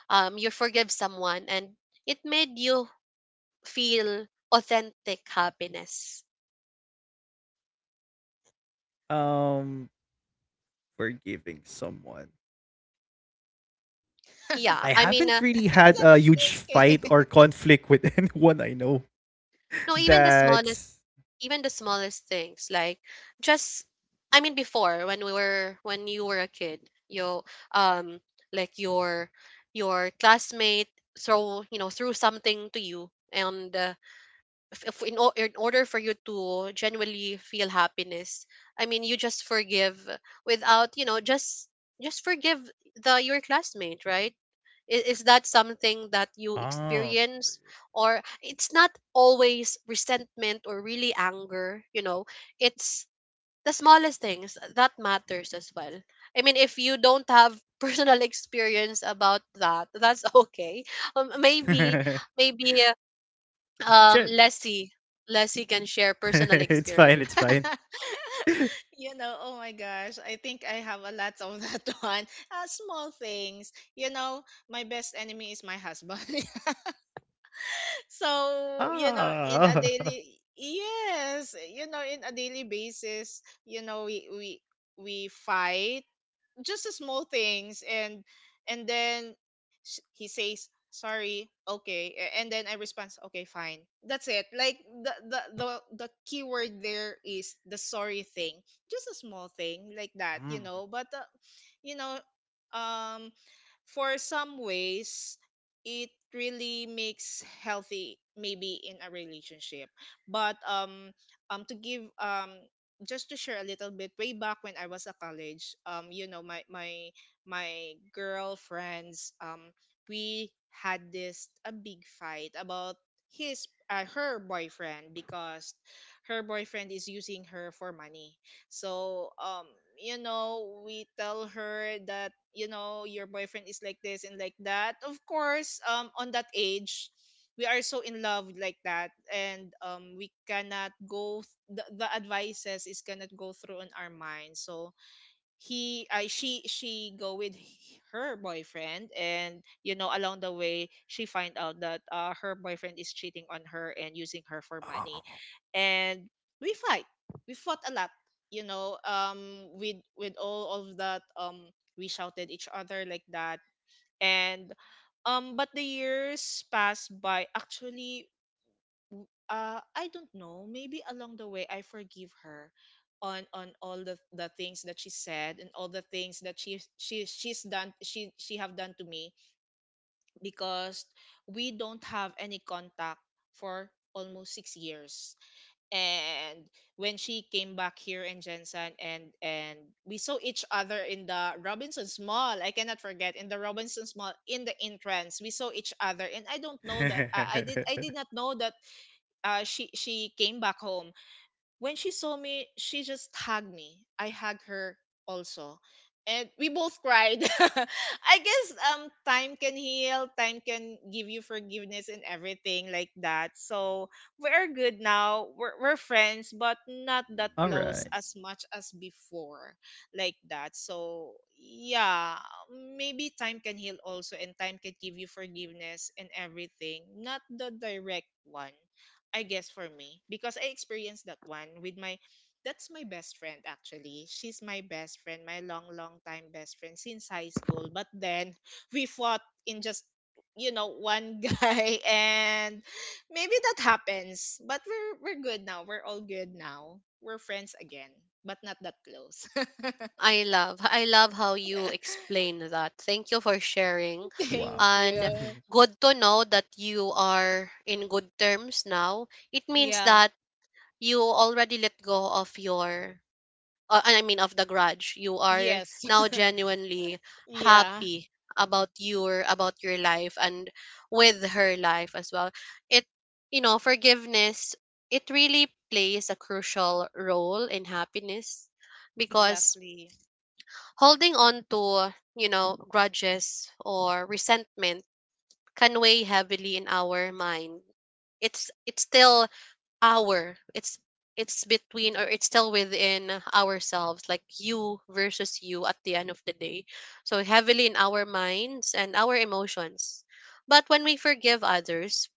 Speaker 1: you forgive someone and it made you feel authentic happiness.
Speaker 3: Um, forgiving someone. I haven't
Speaker 1: Yeah,
Speaker 3: really
Speaker 1: I mean,
Speaker 3: had a huge
Speaker 2: It's
Speaker 3: fight or
Speaker 2: okay.
Speaker 3: conflict with anyone I know.
Speaker 1: no,
Speaker 3: That's
Speaker 1: even the smallest things like just, I mean, before when we were when you were a kid, you um like your classmate throw you know threw something to you and if in order for you to genuinely feel happiness. I mean, you just forgive without you know just forgive the your classmate, right? Is that something that
Speaker 3: oh.
Speaker 1: you experience, or it's not always resentment or really anger, you know? It's the smallest things that matters as well. I mean, if you don't have personal experience about that, that's okay. Maybe maybe
Speaker 3: Sure.
Speaker 1: Leslie, Leslie can share personal
Speaker 3: It's fine.
Speaker 1: experience.
Speaker 3: It's fine.
Speaker 2: You know, oh my gosh, I think I have a lot of that one. Small things. You know, my best enemy is my husband. So, you know, in a
Speaker 3: Ah.
Speaker 2: daily, yes, you know, in a daily basis, you know, we fight just the small things, and then he says sorry, okay, and then I respond, okay, fine, that's it, like the the the, the key word there is the sorry thing, just a small thing like that, you
Speaker 3: Mm.
Speaker 2: know, but you know, um for some ways it really makes healthy maybe in a relationship, but to give, just to share a little bit way back when I was a college, you know, my girlfriends, we had this a big fight about his her boyfriend, because her boyfriend is using her for money. So, you know, we tell her that, you know, your boyfriend is like this and like that. Of course, on that age, we are so in love like that, and we cannot go, the advices is cannot go through in our mind, so he I she go with her boyfriend, and you know along the way she find out that her boyfriend is cheating on her and using her for money,
Speaker 3: Oh.
Speaker 2: and we fight we fought a lot, you know, with all of that, we shouted each other like that, and but the years passed by, actually, I don't know. Maybe along the way, I forgive her on all the things that she said, and all the things that she have done to me, because we don't have any contact for almost 6 years. And when she came back here in Jensen, and we saw each other in the Robinson's Mall. I cannot forget, in the Robinson's Mall, in the entrance we saw each other, and I don't know that I did not know that she came back home. When she saw me, she just hugged me. I hugged her also, and we both cried. I guess time can heal, time can give you forgiveness and everything like that. So we're good now. We're friends, but not that
Speaker 3: All
Speaker 2: close
Speaker 3: right.
Speaker 2: as much as before, like that. So yeah, maybe time can heal also, and time can give you forgiveness and everything, not the direct one, I guess, for me, because I experienced that one with my that's my best friend actually. She's my best friend, my long long time best friend since high school. But then we fought in just, you know, one guy, and maybe that happens. But we're good now. We're all good now. We're friends again, but not that close.
Speaker 1: I love how you explain that. Thank you for sharing.
Speaker 3: Wow.
Speaker 2: Thank
Speaker 1: And
Speaker 2: you.
Speaker 1: good to know that you are in good terms now. It means
Speaker 2: Yeah.
Speaker 1: that you already let go of your I mean of the grudge. You are
Speaker 2: Yes.
Speaker 1: now genuinely
Speaker 2: Yeah.
Speaker 1: happy about your life and with her life as well. It forgiveness, it really plays a crucial role in happiness because
Speaker 2: Exactly.
Speaker 1: holding on to, you know, grudges or resentment can weigh heavily in our mind. It's still our. It's between, or it's still within ourselves, like you versus you at the end of the day. So heavily in our minds and our emotions. But when we forgive others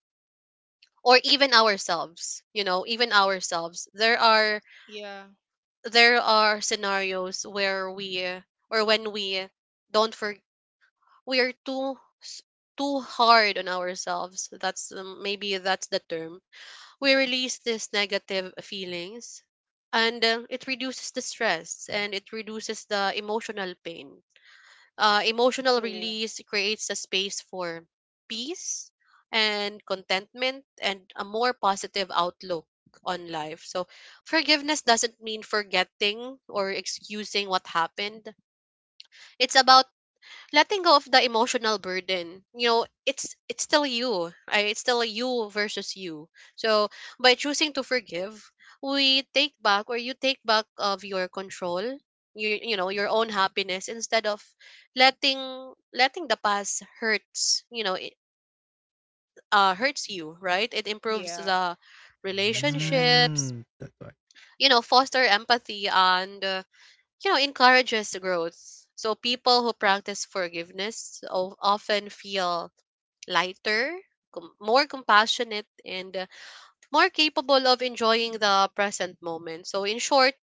Speaker 1: or even ourselves, you know, even ourselves,
Speaker 2: Yeah.
Speaker 1: there are scenarios where we, or when we don't forgive, we are too hard on ourselves. That's maybe that's the term. We release these negative feelings, and it reduces the stress and it reduces the emotional pain. Emotional
Speaker 2: True.
Speaker 1: release creates a space for peace and contentment and a more positive outlook on life. So forgiveness doesn't mean forgetting or excusing what happened. It's about letting go of the emotional burden, you know. It's still you, right? It's still you versus you. So by choosing to forgive, we take back, or you take back of your control, you know, your own happiness, instead of letting letting the past hurts, you know, it hurts you, right? It improves
Speaker 2: Yeah.
Speaker 1: the
Speaker 2: That's correct.
Speaker 1: relationships,
Speaker 3: Mm. That's why.
Speaker 1: you know, foster empathy, and you know, encourages growth. So people who practice forgiveness often feel lighter, more compassionate, and more capable of enjoying the present moment. So, in short,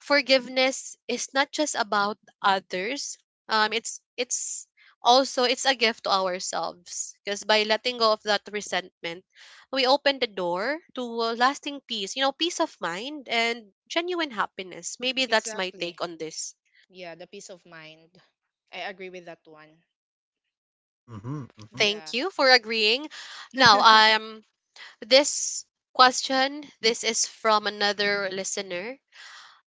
Speaker 1: forgiveness is not just about others. It's it's also it's a gift to ourselves, because by letting go of that resentment, we open the door to a lasting peace, you know, peace of mind and genuine happiness. Maybe that's my take
Speaker 2: Exactly.
Speaker 1: on this.
Speaker 2: Yeah, the peace of mind. I agree with that one.
Speaker 3: Mm-hmm. Mm-hmm.
Speaker 2: Yeah.
Speaker 1: Thank you for agreeing. Now, this question, this is from another listener.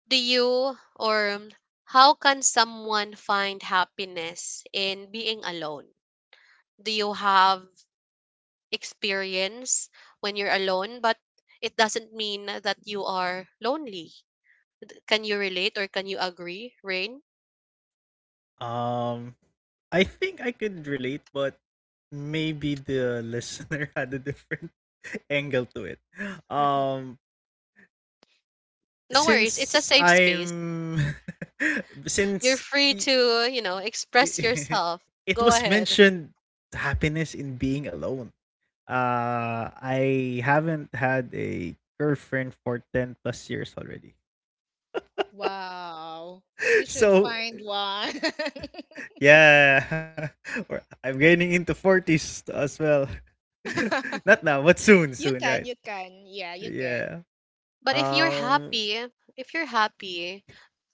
Speaker 1: Do you or how can someone find happiness in being alone? Do you have experience when you're alone, but it doesn't mean that you are lonely? Can you relate, or can you agree, Rain?
Speaker 3: Um, I think I could relate, but maybe the listener had a different angle to it. Um,
Speaker 1: No worries, it's a
Speaker 3: since
Speaker 1: safe space.
Speaker 3: I'm,
Speaker 1: You're
Speaker 3: since
Speaker 1: free
Speaker 3: i-
Speaker 1: to, you know, express yourself.
Speaker 3: it
Speaker 1: Go
Speaker 3: was
Speaker 1: ahead.
Speaker 3: mentioned happiness in being alone, uh, I haven't had a girlfriend for 10 plus years already.
Speaker 2: Wow. You should
Speaker 3: So,
Speaker 2: find one.
Speaker 3: yeah, or I'm getting into 40s as well. Not now, but soon,
Speaker 2: You
Speaker 3: soon, right?
Speaker 2: can, you can. Yeah, you can.
Speaker 3: Yeah.
Speaker 1: But
Speaker 3: Um,
Speaker 1: if you're happy,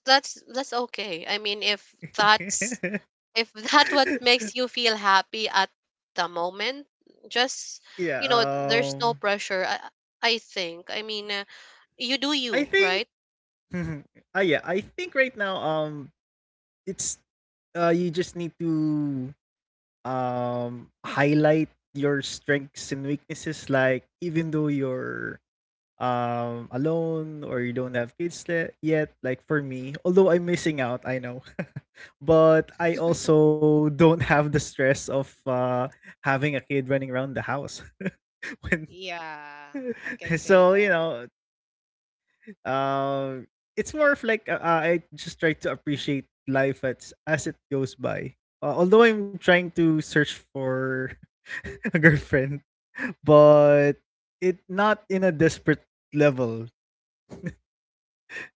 Speaker 1: that's okay. I mean, if that's if that what makes you feel happy at the moment, just
Speaker 3: yeah,
Speaker 1: you know, there's no pressure. I think. I mean, you do
Speaker 3: I
Speaker 1: you,
Speaker 3: think,
Speaker 1: right?
Speaker 3: ah, yeah, I think right now, it's, you just need to highlight your strengths and weaknesses, like even though you're alone or you don't have kids yet. Like for me, although I'm missing out, I know, but I also don't have the stress of having a kid running around the house when
Speaker 2: Yeah, I can say
Speaker 3: so you
Speaker 2: that.
Speaker 3: know um, it's more of like I just try to appreciate life as it goes by. Although I'm trying to search for a girlfriend, but it not in a desperate level.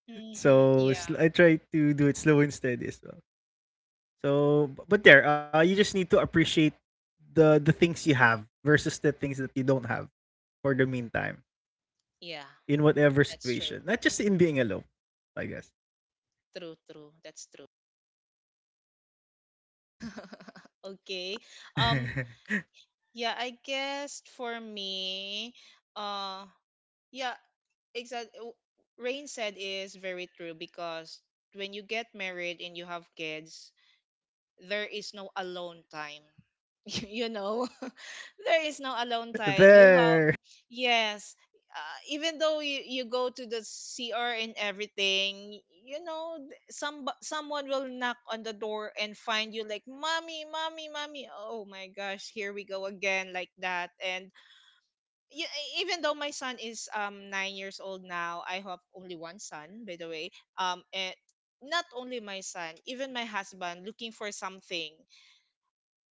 Speaker 2: Mm-hmm.
Speaker 3: So
Speaker 2: Yeah.
Speaker 3: I try to do it slow and steady as well. So, but there, you just need to appreciate the things you have versus the things that you don't have for the meantime,
Speaker 2: Yeah,
Speaker 3: in whatever
Speaker 2: that's true.
Speaker 3: situation, not just in being alone, I guess.
Speaker 2: True, true. That's true. Okay. Um yeah, I guess for me, uh yeah, exactly Rain said is very true, because when you get married and you have kids there is no alone time. You know, there is no alone time, you have,
Speaker 3: There.
Speaker 2: yes. Even though you go to the CR and everything, you know, some someone will knock on the door and find you like mommy mommy mommy, oh my gosh, here we go again, like that, and you, even though my son is 9 years old now, I have only one son, by the way. And not only my son, even my husband looking for something.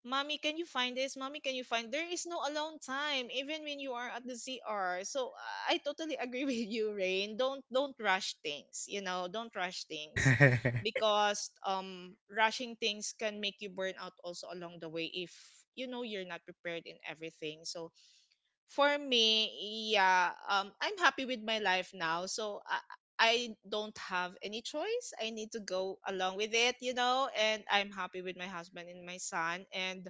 Speaker 2: Mommy, can you find this? Mommy, can you find? There is no alone time, even when you are at the CR. So I totally agree with you, Rain. Don't rush things. You know, don't rush things,
Speaker 3: No,
Speaker 2: because rushing things can make you burn out also along the way, if you know you're not prepared in everything. So for me, yeah, I'm happy with my life now. So I don't have any choice. I need to go along with it, you know, and I'm happy with my husband and my son. And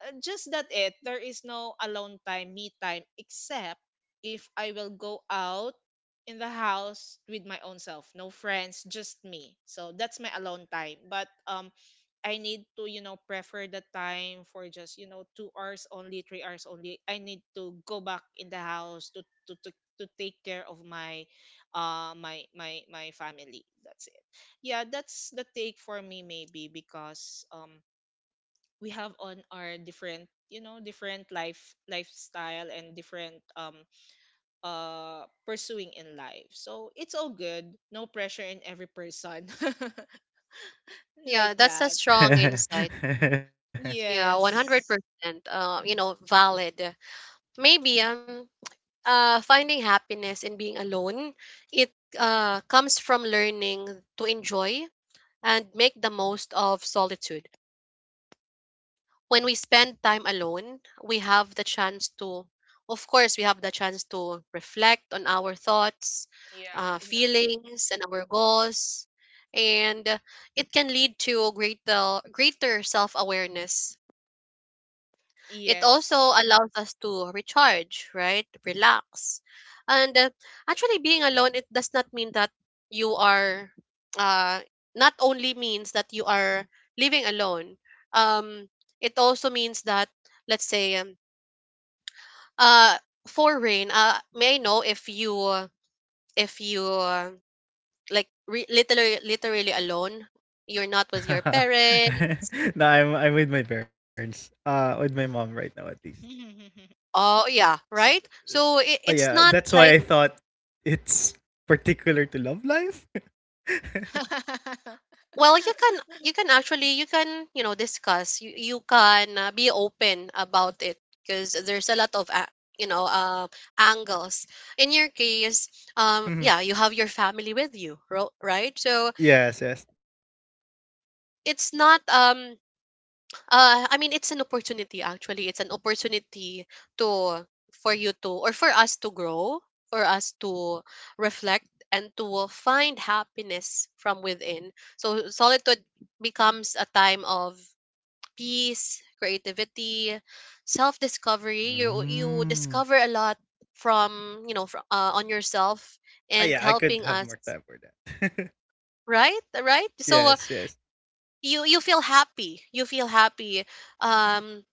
Speaker 2: just that, it there is no alone time, me time, except if I will go out in the house with my own self, no friends, just me, so that's my alone time. But I need to, you know, prefer the time for just, you know, 2 hours only, 3 hours only, I need to go back in the house to take care of my my family, that's it. Yeah, that's the take for me, maybe because we have on our different, you know, different lifestyle, and different pursuing in life, so it's all good, no pressure in every person, like
Speaker 1: Yeah, that's a
Speaker 2: that.
Speaker 1: strong insight. Yeah, one hundred
Speaker 2: Yes.
Speaker 1: percent. You know, valid. Maybe finding happiness in being alone, it comes from learning to enjoy and make the most of solitude. When we spend time alone, we have the chance to, of course, we have the chance to reflect on our thoughts,
Speaker 2: Yeah, exactly.
Speaker 1: feelings, and our goals. And it can lead to greater self awareness. It
Speaker 2: Yes.
Speaker 1: also allows us to recharge, right? Relax. And actually, being alone, it does not mean that you are uh not only means that you are living alone. Um it also means that let's say uh for Rain, may I know if you like literally literally alone, you're not with your parents?
Speaker 3: I'm with my parents. Uh, with my mom right now at least.
Speaker 1: Oh yeah,
Speaker 3: S-
Speaker 1: right, so
Speaker 3: Oh yeah,
Speaker 1: it's
Speaker 3: that's
Speaker 1: not
Speaker 3: why I
Speaker 1: like.
Speaker 3: thought it's particular to love life.
Speaker 1: Well, you can actually, you can, you know, discuss, you can be open about it, because there's a lot of a, you know, angles. In your case,
Speaker 3: Mhm.
Speaker 1: yeah, you have your family with you, right? So
Speaker 3: Yes, yes.
Speaker 1: it's not I mean, it's an opportunity actually. It's an opportunity to for you to, or for us to grow, for us to reflect and to find happiness from within. So solitude becomes a time of peace, creativity, self-discovery. You
Speaker 3: Mm.
Speaker 1: discover a lot from, you know, on yourself
Speaker 3: Ah,
Speaker 1: and
Speaker 3: yeah, I could
Speaker 1: helping
Speaker 3: have
Speaker 1: us,
Speaker 3: more time for that.
Speaker 1: right? Right? So
Speaker 3: Yes, yes.
Speaker 1: you you feel happy. You feel happy. Um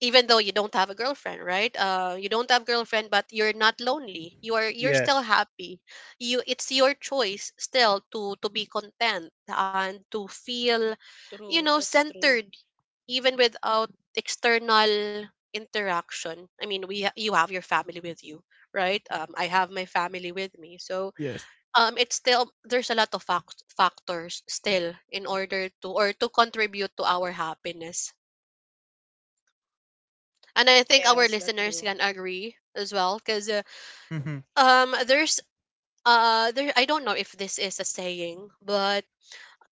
Speaker 1: Even though you don't have a girlfriend, right, you don't have girlfriend, but you're not lonely, you are you're still
Speaker 3: Yes.
Speaker 1: happy. You, it's your choice still to be content and to feel, you
Speaker 2: True,
Speaker 1: know,
Speaker 2: that's true.
Speaker 1: centered, even without external interaction. I mean, you have your family with you, right? I have my family with me. So
Speaker 3: Yes.
Speaker 1: it's still, there's a lot of factors still in order to, or to contribute to our happiness. And I think our
Speaker 2: Yes, that's
Speaker 1: listeners
Speaker 2: true.
Speaker 1: can agree as well, because
Speaker 3: Mhm.
Speaker 1: there's there, I don't know if this is a saying, but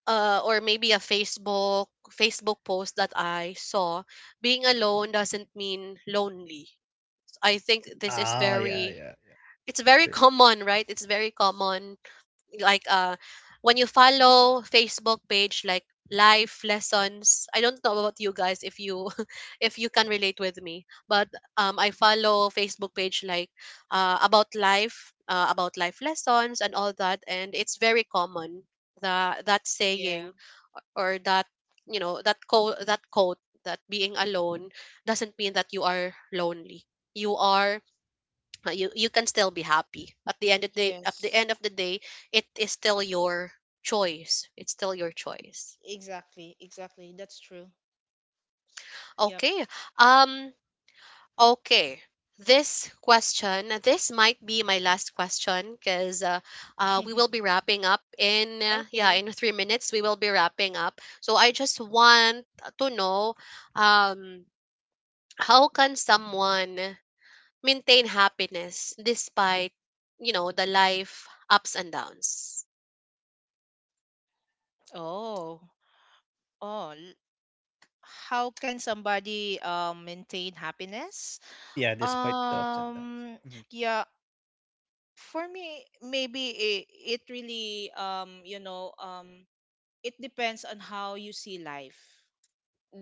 Speaker 1: or maybe a Facebook post that I saw, being alone doesn't mean lonely. I think this is
Speaker 3: Ah, yeah, yeah,
Speaker 1: very,
Speaker 3: yeah.
Speaker 1: it's
Speaker 3: True.
Speaker 1: very common, right? It's very common, like when you follow Facebook page like life lessons, I don't know about you guys, if you if you can relate with me, but I follow Facebook page like about life, about life lessons and all that, and it's very common, the that
Speaker 2: Yeah.
Speaker 1: saying, or that, you know, that quote, that quote, that being alone doesn't mean that you are lonely. You are you you can still be happy at the end of the, at the
Speaker 2: Yes,
Speaker 1: end of the day. It is still your choice, it's still your choice.
Speaker 2: exactly, exactly. That's true. Yep.
Speaker 1: Okay. um okay, this question, this might be my last question, because we will be wrapping up in yeah,
Speaker 2: Okay.
Speaker 1: in 3 minutes we will be wrapping up, so I just want to know, um how can someone maintain happiness despite, you know, the life ups and downs?
Speaker 2: Oh, oh, how can somebody maintain happiness?
Speaker 3: Yeah, despite the ups and
Speaker 2: um
Speaker 3: downs.
Speaker 2: yeah, for me, maybe it really, you know, it depends on how you see life,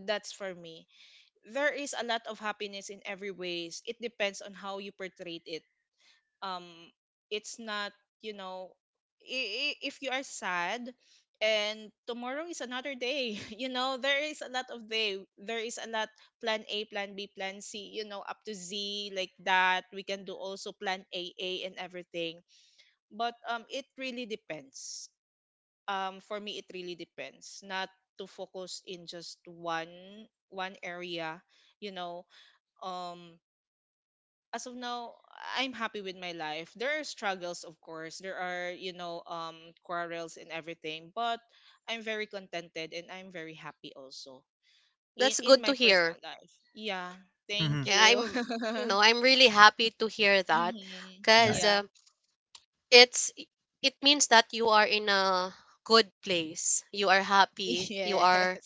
Speaker 2: that's for me. There is a lot of happiness in every ways, it depends on how you portray it. um it's not, you know, if you are sad and tomorrow is another day, you know there is a lot of day, there is a lot, plan A, plan B, plan C, you know, up to Z, like that, we can do also plan AA and everything. But it really depends, for me it really depends, not to focus in just one area, you know. um as of now, I'm happy with my life. There are struggles, of course. There are, you know, quarrels and everything. But I'm very contented and I'm very happy also in
Speaker 1: That's
Speaker 2: in my
Speaker 1: good to
Speaker 2: personal
Speaker 1: hear.
Speaker 2: life. Yeah. Thank
Speaker 3: Mm-hmm.
Speaker 1: Yeah,
Speaker 2: you.
Speaker 1: I'm, you know, I'm really happy to hear that,
Speaker 2: Hmm.
Speaker 1: because
Speaker 3: Nice.
Speaker 2: Yeah.
Speaker 1: it's, it means that you are in a good place. You are happy.
Speaker 2: Yes.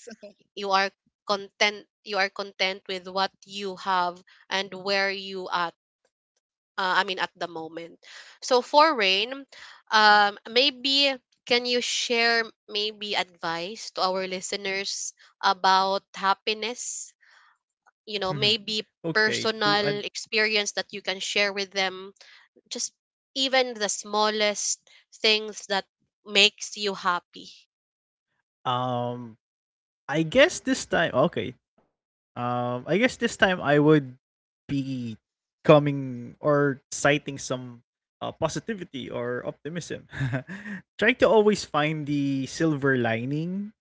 Speaker 1: You are content. You are content with what you have and where you at. I mean, at the moment. So for Rain, maybe can you share maybe advice to our listeners about happiness,
Speaker 3: Mhm.
Speaker 1: you know,
Speaker 3: Okay,
Speaker 1: maybe
Speaker 3: to ad-
Speaker 1: personal experience that you can share with them, just even the smallest things that makes you happy.
Speaker 3: um I guess this time okay. I guess this time I would be coming or citing some positivity or optimism. Trying to always find the silver lining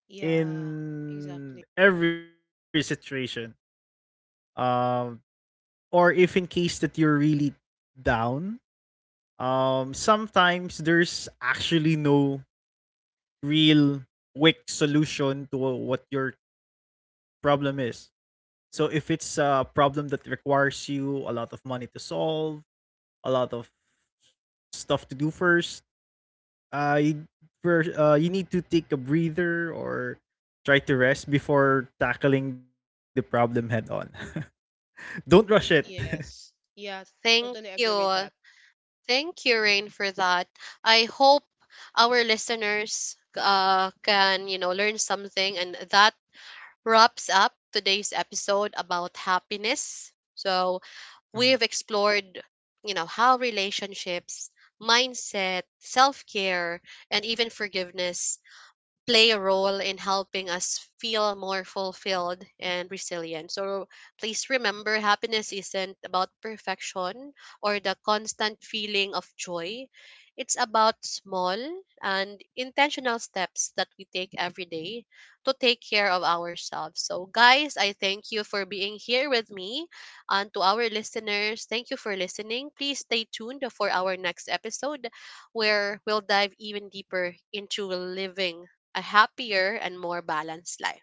Speaker 2: Yeah. Exactly.
Speaker 3: in every situation. Um or if in case that you're really down, sometimes there's actually no real quick solution to what your problem is. So if it's a problem that requires you a lot of money to solve, a lot of stuff to do first, uh, you, first, you need to take a breather or try to rest before tackling the problem head on. Don't rush it.
Speaker 2: Yes. Yeah.
Speaker 1: Thank
Speaker 2: Totally agree with that.
Speaker 1: you, thank you Rain for that. I hope our listeners can, you know, learn something, and that wraps up today's episode about happiness. So
Speaker 3: Mhm.
Speaker 1: we've explored, you know, how relationships, mindset, self-care, and even forgiveness play a role in helping us feel more fulfilled and resilient. So please remember, happiness isn't about perfection or the constant feeling of joy. It's about small and intentional steps that we take every day to take care of ourselves. So, guys, I thank you for being here with me. And to our listeners, thank you for listening. Please stay tuned for our next episode where we'll dive even deeper into living a happier and more balanced life.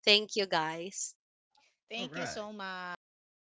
Speaker 1: Thank you, guys.
Speaker 3: All right.
Speaker 2: Thank you so much.